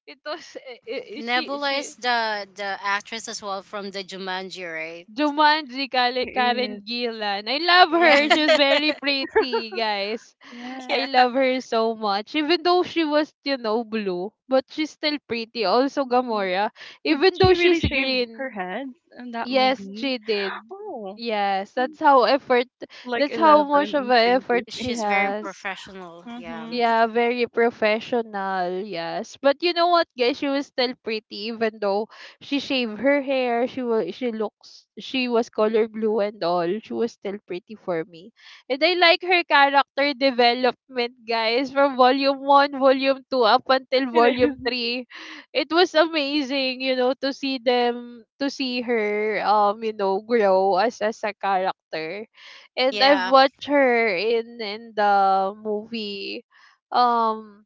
It was
Nebula
she
is the actress as well from the Jumanji, right?
Jumanji
She
Karen
is.
Gillan. I love
Yeah.
her. She
Hmm
was very
*laughs*
pretty,
*laughs*
guys.
Yes.
I
Yeah.
love her so much. Even though she was, you know, blue, but she's still pretty. Also
hmm
Gamora,
Did
even though
she really
she's
shave
green,
her head in that
yes,
movie?
she did.
Oh,
Yes, that's how effort
like
that's how
Eleven
much of
in
an
Stranger
effort she
She's
Things. *laughs*
very
has.
professional. Yeah.
Mm-hmm.
Yeah, very professional, yes. But you know what, guys? She was still pretty, even though she shaved her hair, she looks, she was color blue and all. She was still pretty for me. And I like her character development, guys, from volume one, volume two up until
It is.
volume three. It was amazing, you know, to see them to see her you know, grow as a character. And I've
Yeah.
watched her in the movie um,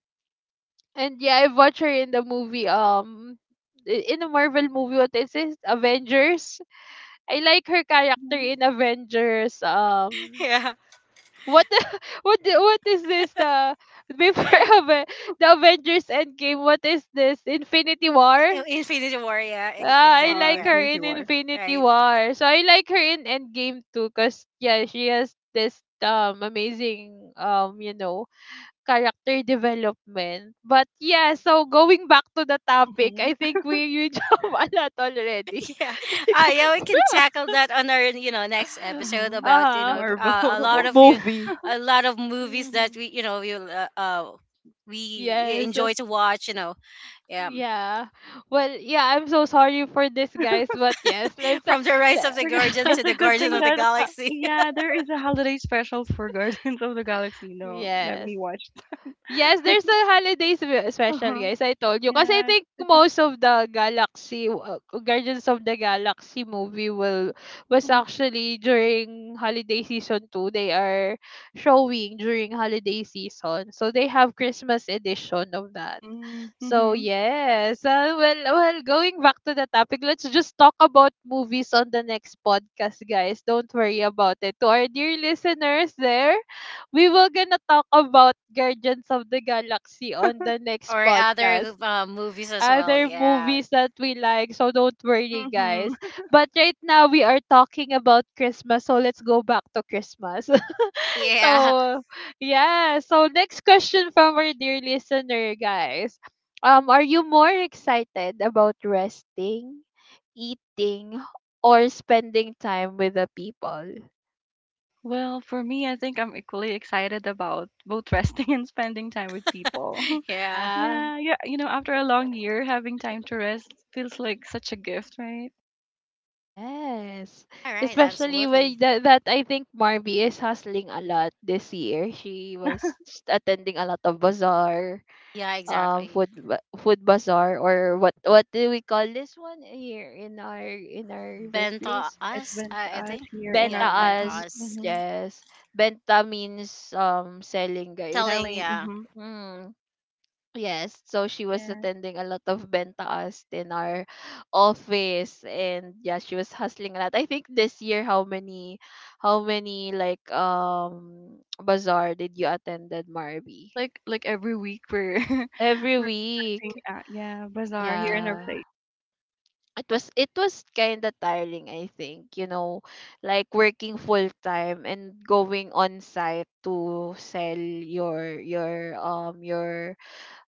and yeah, I've watched her in the movie. In the Marvel movie, what is it? Avengers. I like her character
Mm-hmm.
in Avengers.
*laughs* Yeah.
What the, *laughs* what the, what is this? The before *laughs* Aven- the Avengers Endgame. What is this? Infinity War.
Infinity War, yeah,
Uh
Ah, I
exactly,
huh.
like
yeah,
her in
24.
Infinity
right,
War. So I like her in Endgame too, cause yeah, she has this amazing character development. But yeah, so going back to the topic, I
Mm-hmm.
think we you *laughs* jump a lot already.
*laughs* yeah. Ah,
*laughs*
yeah, we can tackle that on our next episode
Mm-hmm.
about
Uh-huh.
Marvel.
a lot
Mo-
of
*laughs*
you,
Movie.
a lot of movies that
Hmm.
we we
Yes.
enjoy to watch, you know, yeah,
Yeah. Well, yeah, I'm so sorry for this guys, but yes,
*laughs*
let's
from the Rise of
le-
the
Because
Guardian
it's
to
a
the
good
Guardian
thing
of the
that
*laughs*
Galaxy,
yeah, there is a holiday special for *laughs* Guardians of the Galaxy. No, let
yes.
me watch.
Yes, there's a holiday spe-
Uh
special,
huh.
guys. I told you. Kasi I
Yeah,
think
it's just.
most of the Galaxy, Guardians of the Galaxy movie will was
Mm-hmm.
actually during holiday season 2. They are showing during holiday season. So they have Christmas edition of that. So
Mm-hmm. *laughs*
yes, well, well, going back to the topic, let's just talk about movies on the next podcast, guys. Don't worry about it. To our dear listeners, there, we will gonna talk about Guardians of the Galaxy on the
*laughs*
next
or
podcast.
other movies as well,
Other
yeah,
movies that we like, so don't worry, guys. But right now we are talking about Christmas, so let's go back to Christmas.
yeah,
So, yeah. So, next question from our dear listener, guys. Are you more excited about resting, eating, or spending time with the people?
Well, for me, I think I'm equally excited about both *laughs* resting and spending time with
*laughs*
people. *laughs*
yeah.
Yeah.
Yeah, yeah. You know, after a long year, having time to rest feels like such a gift, right?
Yes.
All right,
Especially when
absolutely,
that I think Marby is hustling a lot this year. She was attending a lot of bazaar,
yeah,
um,
exactly.
food ba- food bazaar or what do we call this one here in our
Ben taught
workplace?
It's
us,
been to
I
us
think,
here in
yeah,
our
Ben
Benta
company,
as
us,
mm-hmm.
yes. Benta means selling, guys.
telling,
Selling.
yeah,
Mm-hmm.
Mm, yes. So she was
Yeah,
attending a lot of bentaas in our office and yeah, she was hustling a lot. I think this year, how many, how many bazaar did you attended, Marby?
like every week we're *laughs*
Every
we're thing
week.
yeah, bazaar here in our
Yeah.
place.
It was, it was kind of tiring, I think. You know, like working full time and going on site to sell your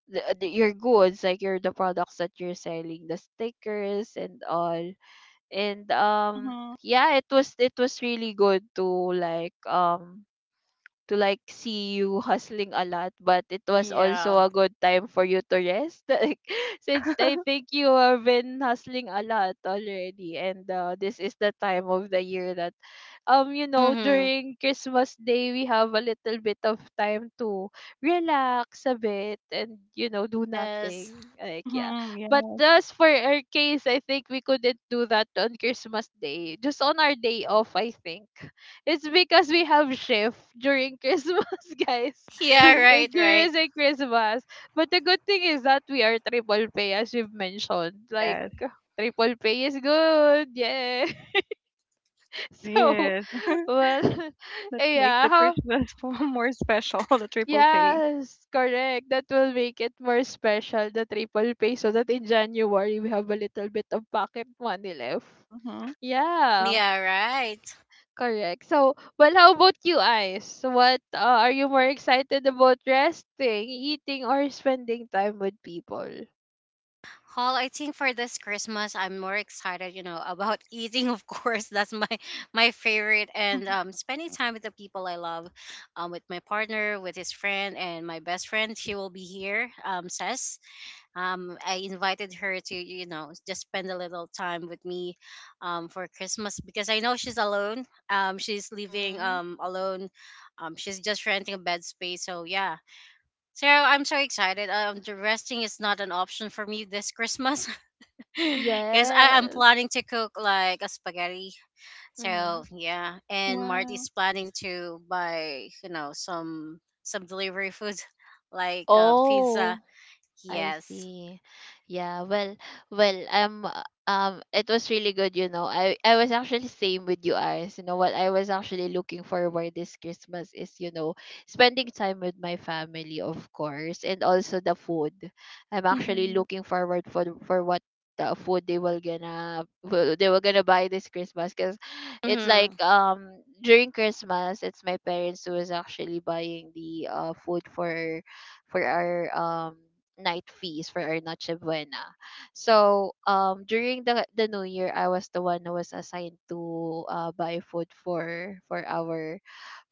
the, your goods, like your the products that you're selling, the stickers and all. And
Mhm.
yeah, it was, it was really good like um to like see you hustling a lot, but it was
yeah,
also a good time for you to rest. *laughs* Like, since I
*laughs*
think you have been hustling a lot already, and this is the time of the year that, you know,
mm-hmm,
during Christmas Day, we have a little bit of time to relax a bit and, you know, do
yes,
nothing. Like, yeah.
mhm.
But
Yeah.
just for our case, I think we couldn't do that on Christmas Day, just on our day off, I think. It's because we have shift during *laughs* Christmas, guys.
yeah,
*laughs*
*laughs*
right, right,
During the Christmas. But the good thing is that we are triple pay, as you've mentioned. Like,
yes,
triple pay is good. Yeah. *laughs*
it
So,
is. *laughs*
well, *laughs*
Let's make
yeah.
the
How,
Christmas *laughs* more special. *laughs* The triple pay.
yes, correct. That will make it more special, the triple pay, so that in January, we have a little bit of pocket money left.
Mhm.
yeah,
Yeah.
right.
Correct. So, well, how about you, Ice? What are you more excited about resting, eating, or spending time with people?
Well, I think for this Christmas, I'm more excited, you know, about *laughs* eating. Of course, *laughs* that's my my favorite, and
*laughs*
spending time with the people I love, with my partner, with his friend, and my best friend. She will be here, says. I invited her to, you know, just spend a little time with me, for Christmas because I know she's alone. She's living
Mm-hmm.
alone. She's just renting a bed space. So, yeah. So, I'm so excited. The resting is not an option for me this Christmas *laughs* because I'm
Yes.
planning to cook like a spaghetti.
Mm-hmm.
So, yeah. And
Wow.
Marty's planning to buy, you know, some delivery food *laughs* like pizza.
Oh. I
Yes.
see. Yeah, well, well, it was really good, you know. I was actually same with you guys. You know what I was actually looking forward this Christmas is, you know, spending time with my family, of course, and also the food. I'm actually
Mhm.
looking forward for what the food they they were gonna buy this Christmas, because it's like
Mhm.
during Christmas it's my parents who is actually buying the food for our night feast for our Noche Buena. So during the New Year, I was the one who was assigned to buy food for our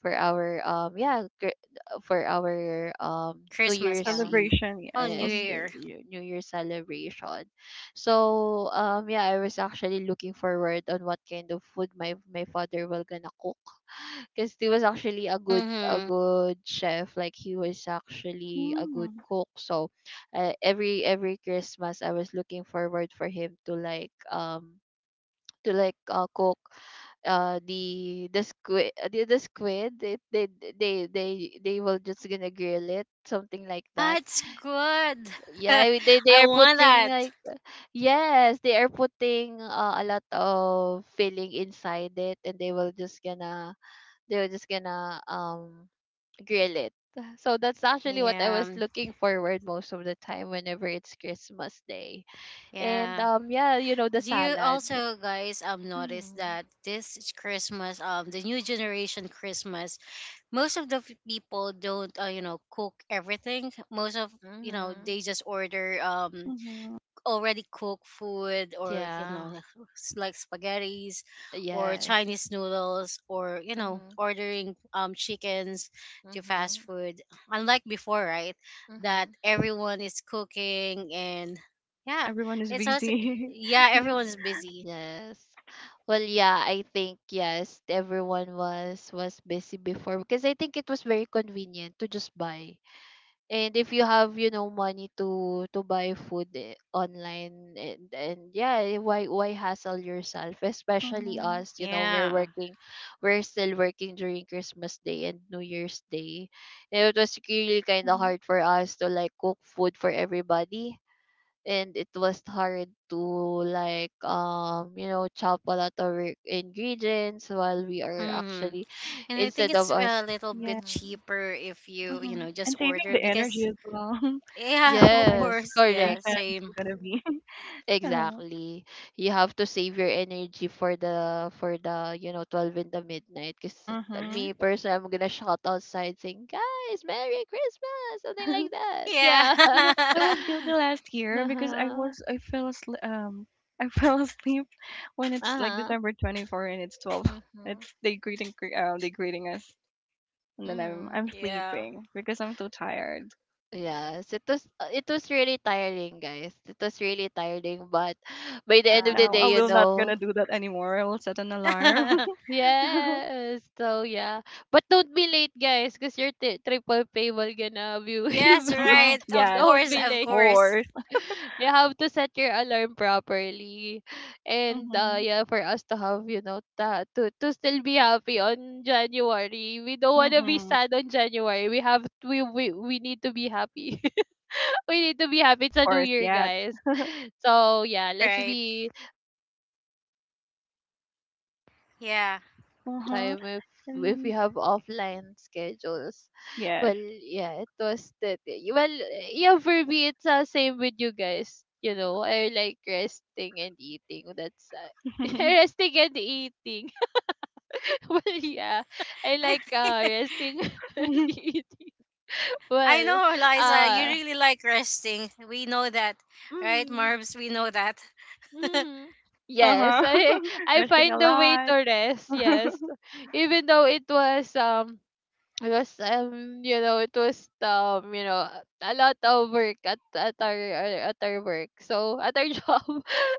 for our um yeah gr- for our New
Christmas,
Year's
yeah.
Eve
Celebration.
Oh,
Yeah.
New
is
Mhm.
the
Year.
New Year celebration. So yeah, I was actually looking forward on what kind of food my father will gonna cook, because he was actually a good, a
Mm-hmm.
good chef. Like he was actually a good
Mhm.
cook. So every, Christmas I was looking forward for him to cook the, the squid they, they will just gonna grill it, something like that.
That's good. *laughs*
Yeah, they
I
are
want
putting
that.
like, yes they are putting a lot of filling inside it and they were just gonna grill it. So that's actually what I was
Yeah,
looking forward most of the time whenever it's Christmas Day. And
yeah.
yeah, you know, the
Do you
salad.
also guys notice
Mhm.
that this is Christmas, the new generation Christmas, most of the people don't you know, cook everything. Most of, you know,
Mhm.
they just order
Mhm.
already cooked food, or, you
Yeah.
know, like spaghettis or
Yes.
Chinese noodles, or, you know,
Mhm.
ordering chickens to fast
Mhm.
food, unlike before, right? That
Mhm.
everyone is cooking, and yeah,
Everyone is
it's also,
busy.
yeah,
*laughs* like.
everyone's busy,
Yes. Well, yeah, I think yes, everyone was, busy before, because I think it was very convenient to just buy. And if you have, you know, money to buy food, eh, online, and yeah, eh, why hassle yourself, especially
Mhm.
us, you know, we're
yeah.
working. We're still working during Christmas Day and New Year's Day. And it was really kind of
Mhm.
hard for us to like cook food for everybody, and it was hard to you know, chop a lot of ingredients while we are
hmm
actually,
and I think
instead
it's
of
a
us.
little bit
Yeah.
Mhm,
cheaper if you, you
Mhm.
know,
mhm.
just
And saving
order
the
because
energy as well. *laughs*
yeah,
In
*laughs* of
Yes,
course, yeah,
correct.
celebration,
same,
you're gonna be. *laughs* uh-huh.
Exactly. You have to save your energy for the you know, 12 in the midnight. Cause
Mhm.
me personally, I'm gonna shout outside saying, "Guys, Merry Christmas!" Something like
*laughs*
that.
yeah,
Yeah.
You
*laughs*
know, I
*laughs*
was guilty last year
uh
because
huh.
I fell asleep I *laughs* fell asleep when
Uh
it's like
huh.
December 24 and it's 12. *laughs*
Mhm.
It's they they greeting us and then
Mhm.
I'm
yeah.
sleeping because I'm too tired.
Yes, it was, it was really tiring, guys. It was really tiring, but by the
But
end of
Yeah,
the
now
me
I
day, you
will
too.
not gonna
know,
do that anymore. I will set an
mm.
alarm.
*laughs*
*laughs*
Yes. So yeah. But don't be late, guys, because your triple pay will gonna be
Yes,
waived.
Mm-hmm.
right.
*laughs*
Of
Yes,
Don't
course,
be
of
of
late.
course.
course.
You have to set your alarm properly. And
Mm-hmm.
yeah, for us to have, you know, to still be happy on January. We don't wanna be
Mm-hmm.
sad on January. We we need to be happy. *laughs* We need to be happy. It's
Of
a new
course,
year,
yes.
guys. So yeah, let's
Right.
be time if we have
Yeah.
Uh-huh.
offline
And
schedules.
yes.
Well, yeah, it was that. Well, yeah, for me, it's the same with you guys. You know, I like resting and eating. That's *laughs*
*laughs*
resting and eating. *laughs* Well, yeah, I
I
like
think *laughs*
resting *laughs* and eating.
I
Well,
know, Eliza, you
uh,
really like resting. We know that. Right,
mm-hmm,
Marbs? We know that. *laughs*
mm-hmm. Yes,
uh-huh.
I
*laughs*
I
Resting a
find a way to
lot.
rest.
*laughs*
Yes, even though it was because, you know, it was, you know, a lot of work at, our at our work. So at our *laughs* job,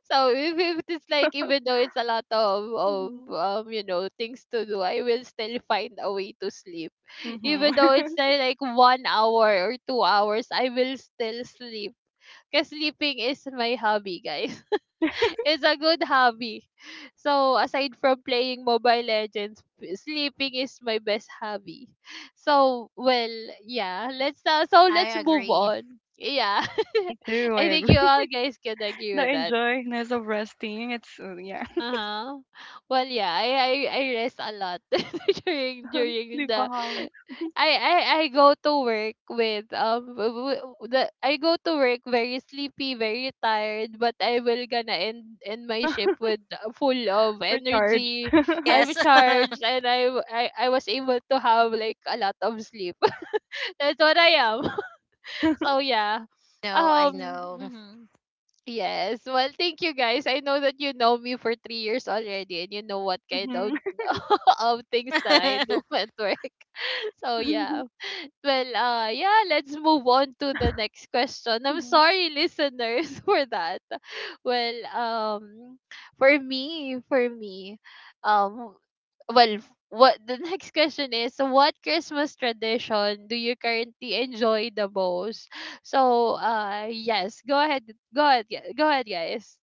if it's like even though it's a lot of you know, things to do, I will still find a way to sleep. Even though
Mm-hmm. *laughs*
it's like 1 hour or 2 hours, I will still sleep. Cause sleeping is my hobby, guys. *laughs* It's a good hobby. So aside from playing Mobile Legends, sleeping is my best hobby. So well, yeah, let's
I
move
agree.
on. Yeah.
Me too.
*laughs*
I
I think you
agree.
all guys can
*laughs*
agree
The
with that.
enjoyness of resting. It's yeah,
Uh-huh. Well, yeah, I rest a lot *laughs* during
*laughs*
the
sleepaholic,
I, I I go to work with w- w- the I go to work very sleepy, very tired, but I will gonna end my shift with full of
recharged.
energy.
*laughs*
I'm
Yes.
charged
*laughs*
and I was able to have like a lot of sleep. *laughs* That's what I am. *laughs* So yeah.
No, I
Um,
know.
mhm. Yes. Well, thank you guys. I know that you know me for 3 years already and you know what kind of,
mhm.
*laughs* of things that I do
*laughs*
at work. *laughs* So
*laughs* mhm.
yeah. Well, yeah, let's move on to the next question. I'm sorry listeners *laughs* for that. Well, for me, um, well, what the *laughs* next question is, what Christmas tradition do you currently enjoy the most? So, yes, go ahead, go ahead, guys.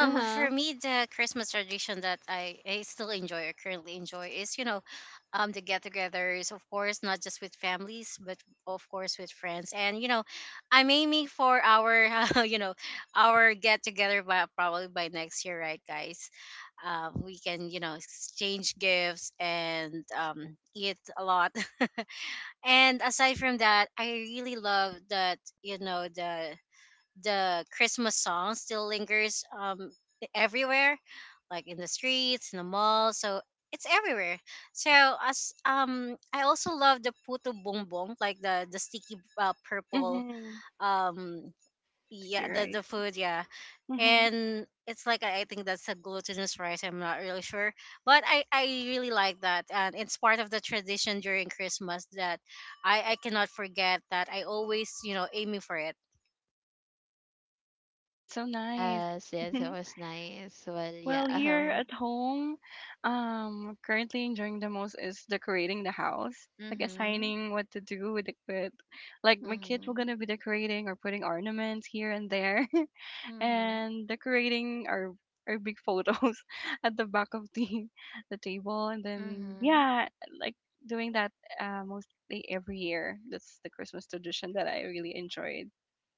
Uh
For
huh.
me, the Christmas tradition that I still enjoy or currently enjoy is, you know, the get-togethers, of course, not just with families, but of course with friends. And you know, I'm aiming for our, *laughs* you know, our get-together by probably by next year, right, guys? We can, you know, exchange gifts and eat a lot. *laughs* And aside from that, I really love that, you know, the Christmas song still lingers everywhere, like in the streets, in the mall. So it's everywhere. So as I also love the puto bongbong, like the sticky purple
Mhm.
um yeah,
Sticky
the
rice.
food, yeah.
Mhm.
And it's like I think that's a glutinous rice, I'm not really sure, but I really like that, and it's part of the tradition during Christmas that I cannot forget, that I always, you know, aiming for it.
That's so nice.
Yes, yes, it
Mhm.
was nice. Well, yeah.
Well, here
Uh-huh.
at home, currently enjoying the most is decorating the house, like
Mhm.
assigning what to do with the with, like my kids were
Mhm.
gonna be decorating or putting ornaments here and there. *laughs*
Mhm.
And decorating our big photos *laughs* at the back of the *laughs* the table, and then
Mhm.
yeah, like doing that, mostly every year. That's the Christmas tradition that I really enjoyed.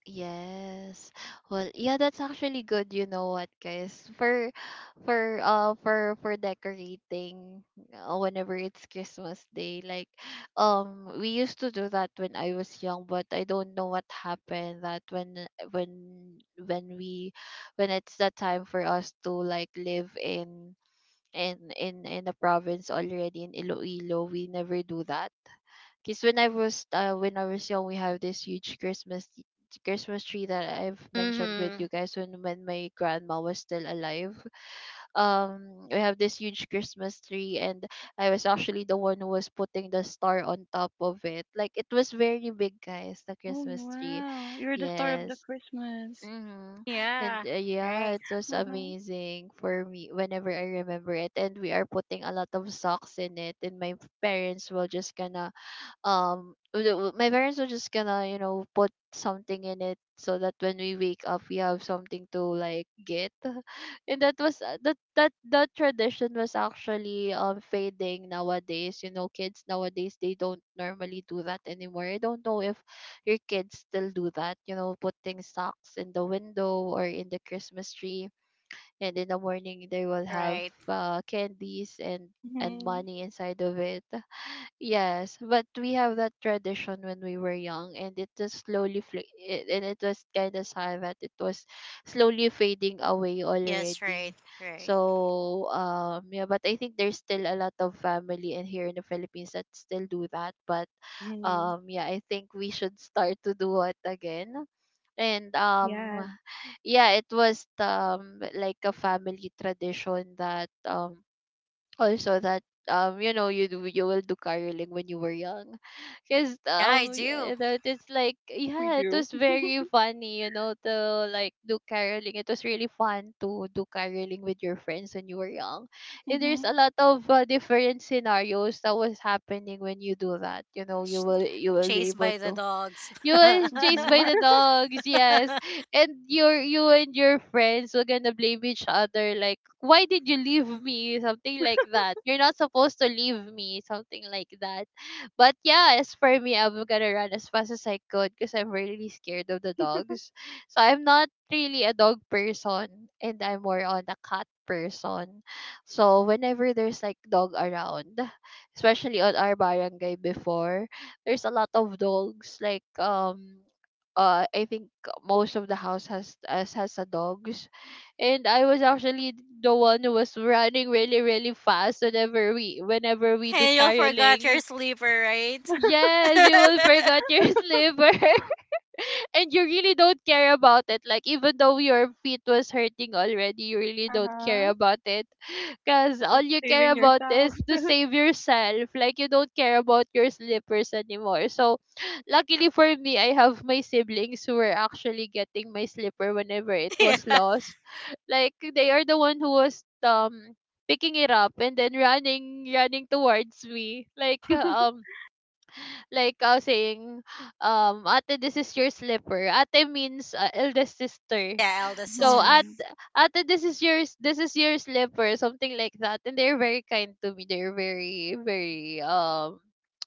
Yes. Well, yeah, that's actually good. You know what, guys? For, for decorating, whenever it's Christmas Day, like, we used to do that when I was young, but I don't know what happened. That when we, when it's the time for us to like live in in the province already in Iloilo, we never do that, because when I was young, we have this huge Christmas tree that I've mentioned with
Mm-hmm.
you guys when my grandma was still alive. We have this huge Christmas tree, and I was actually the one who was putting the star on top of it. Like it was very big, guys. The
Oh
Christmas tree,
wow, you're the star of the
yes.
Christmas.
Mm-hmm. And
Yeah,
yeah,
right,
it was
Uh-huh.
amazing for me whenever I remember it. And we are putting a lot of socks in it, and parents will just gonna my parents were just gonna put something in it so that when we wake up we have something to like get *laughs* and that was that tradition was actually fading nowadays. You know, kids nowadays, they don't normally do that anymore. I don't know if your kids still do that, you know, putting socks in the window or in the Christmas tree, and in the morning they will have
right.
candies and
Mm-hmm.
money inside of it. Yes, but we have that tradition when we were young, and it just slowly fl- it, and it was kind of sad that it was slowly fading away
Yes, right,
already.
right.
So yeah, but I think there's still a lot of family in here in the Philippines that still do that. But
Mm-hmm.
yeah, I think we should start to do it again. And
Yes,
yeah, it was like a family tradition that also that you will do caroling when you were young. Because
Yeah, I do.
yeah, that it's like
we
yeah, it
do.
was very funny, you know, to like do caroling. It was really fun to do caroling with your friends when you were young. And there's
Mm-hmm.
a lot of different scenarios that was happening when you do that. You know,
Ch-
you will be
Chased
able
by the
to
dogs.
you
*laughs* And
was chased
Mm-hmm.
by the dogs, yes. And you and your friends were gonna blame each other like, why did you leave me? Something like that. You're not supposed to leave me, something like that. But yeah, as for me, I'm gonna run as fast as I could because I'm really scared of the dogs. So I'm not really a dog person, and I'm more on a cat person. So whenever there's like dog around, especially on our barangay before, there's a lot of dogs like I think most of the house has a dogs. And I was actually the one who was running really really fast whenever we do
you forgot your
caroling.
sleeper, right?
Yes, you will
*laughs*
forget your *laughs* sliver *laughs* and you really don't care about it. Like, even though your feet was hurting already, you
*laughs*
really don't
uh-huh.
care about it. Because all you care
Saving
about
yourself.
is to save yourself. Like, you don't care about your slippers anymore. So, *sniffs* luckily for me, I have my siblings who were actually getting my slipper whenever it was
Yeah.
lost. Like, they are the one who was picking it up and then running towards me, like
*laughs*
saying, ate, this is your slipper. Ate means eldest sister.
Yeah, eldest
So
sister.
mm-hmm.
at, this is yours, this is your slipper, something like that. And they're very kind to me. They're very very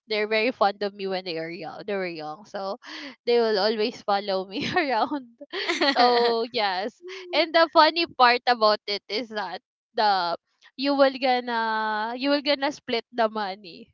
they're very fond of me when they were young. So *laughs* they will always follow me *laughs* around.
*laughs*
So yes, and the funny part about it is that the you will gonna split the money,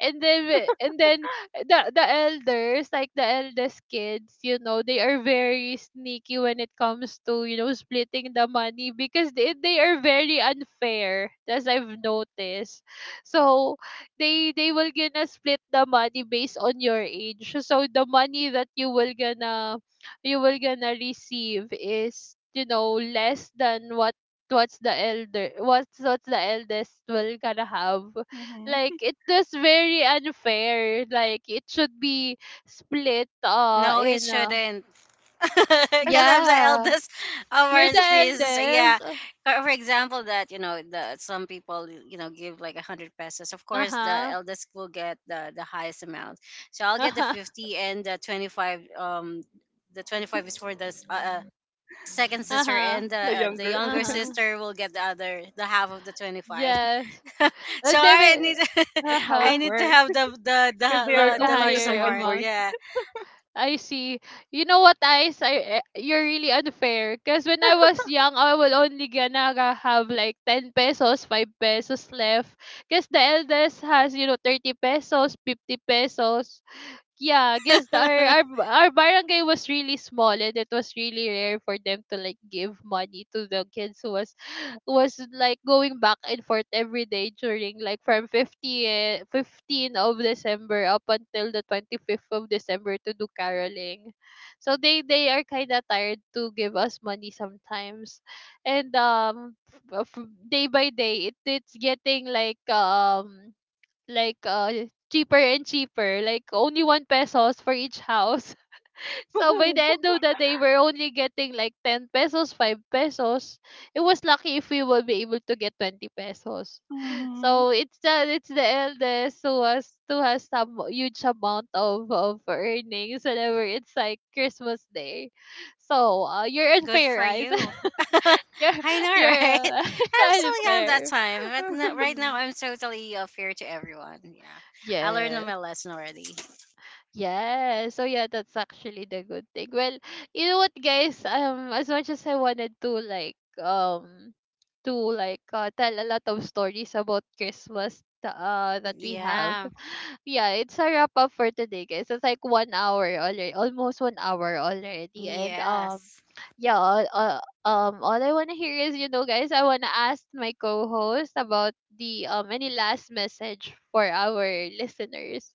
and then the elders, like the eldest kids, you know, they are very sneaky when it comes to, you know, splitting the money. Because they are very unfair, as I've noticed. So they will gonna split the money based on your age. So the money that you will gonna receive is, you know, less than what what's the elder what's the eldest will gonna have.
Mm-hmm.
Like it was very unfair. Like it should be split
No, it
in
shouldn't. *laughs* Because I'm the
yeah.
eldest of
You're
our
the
three sisters. Yeah.
eldest
For example, that, you know, the some people, you know, give like a hundred pesos. Of course, the
uh-huh.
eldest will get the highest amount. So
*laughs*
I'll get the
Uh-huh.
50 and the 25. The 25 is for the second sister,
Uh-huh.
and
The
the
younger.
younger
Uh-huh.
sister will get the other, the half of the 25.
Yes.
*laughs* So
And they
I need
will
That's
*laughs*
how
I
it
uh-huh
need to
works.
have the the
Because
the
they are
the
the
only the
largest
higher
second
amount.
voice.
amount.
Yeah.
I see. You know what, Ice? I, eh, you're really unfair. Because when I was young, I would only gonna ga- have like 10 pesos, 5 pesos left. Because the eldest has, you know, 30 pesos, 50 pesos. Yeah, I guess
*laughs*
our barangay was really small, and it was really rare for them to like give money to the kids who was like going back and forth every day during like from 15th of December up until the 25th of December to do caroling. So they are kind of tired to give us money sometimes. And day by day it's getting like like uh cheaper and cheaper, like only one pesos for each house. *laughs* So by the
*laughs*
end of the day, we're only getting like 10 pesos, 5 pesos. It was lucky if we will be able to get 20 pesos.
hmm
So it's the eldest who has some huge amount of earnings whenever it's like Christmas day. So you're
Good
unfair,
for
guys.
you.
*laughs*
*laughs*
you're
I know,
you're
right?
uh,
I'm
*laughs*
still young that
unfair.
time, but no, right now
Mm-hmm.
I'm totally fair to everyone. Yeah, I learned my lesson already.
Yeah, so yeah, that's actually the good thing. Well, you know what, guys? As much as I wanted to like tell a lot of stories about Christmas that we have,
Yeah.
*sighs* *laughs* yeah, it's a wrap up for today, guys. It's like 1 hour already, almost 1 hour already, and
Yes.
yeah, all I wanna hear is, you know, guys, I wanna ask my co-host about the any last message for our listeners.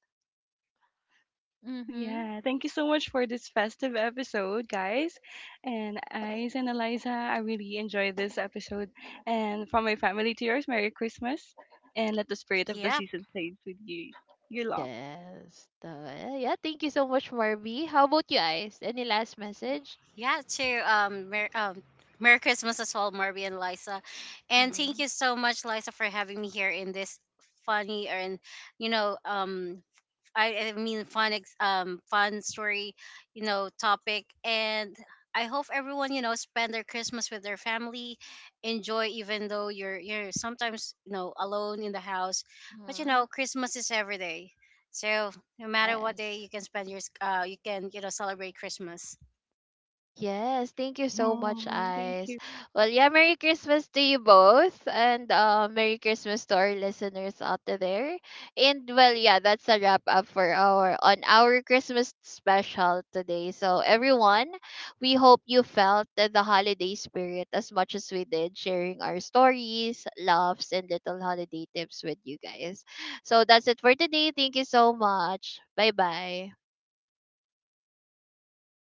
Mm-hmm.
Yeah, thank you so much for this festive episode, guys. And Ice and Eliza, I really enjoyed this episode. And from my family to yours, Merry Christmas. And let the spirit of the
Yep.
season stays with you. You long.
Yes. Yeah, thank you so much, Marby. How about you guys? Any last message?
Yeah. To Merry Christmas as well, Marby and Liza, and thank
Mm-hmm.
you so much, Liza, for having me here in this funny and you know I mean fun story, you know, topic. And I hope everyone, you know, spend their Christmas with their family, enjoy even though you're sometimes, you know, alone in the house. But you
Mm-hmm.
know, Christmas is every day. So no matter what day,
Yes.
you can spend your you can, you know, celebrate Christmas.
Yes, thank you so much,
Hmm Thank
Ice.
you.
Well, yeah, Merry Christmas to you both, and Merry Christmas to our listeners out there. And well, yeah, that's a wrap up for our on our Christmas special today. So everyone, we hope you felt the holiday spirit as much as we did, sharing our stories, laughs, and little holiday tips with you guys. So that's it for today. Thank you so much. Bye bye.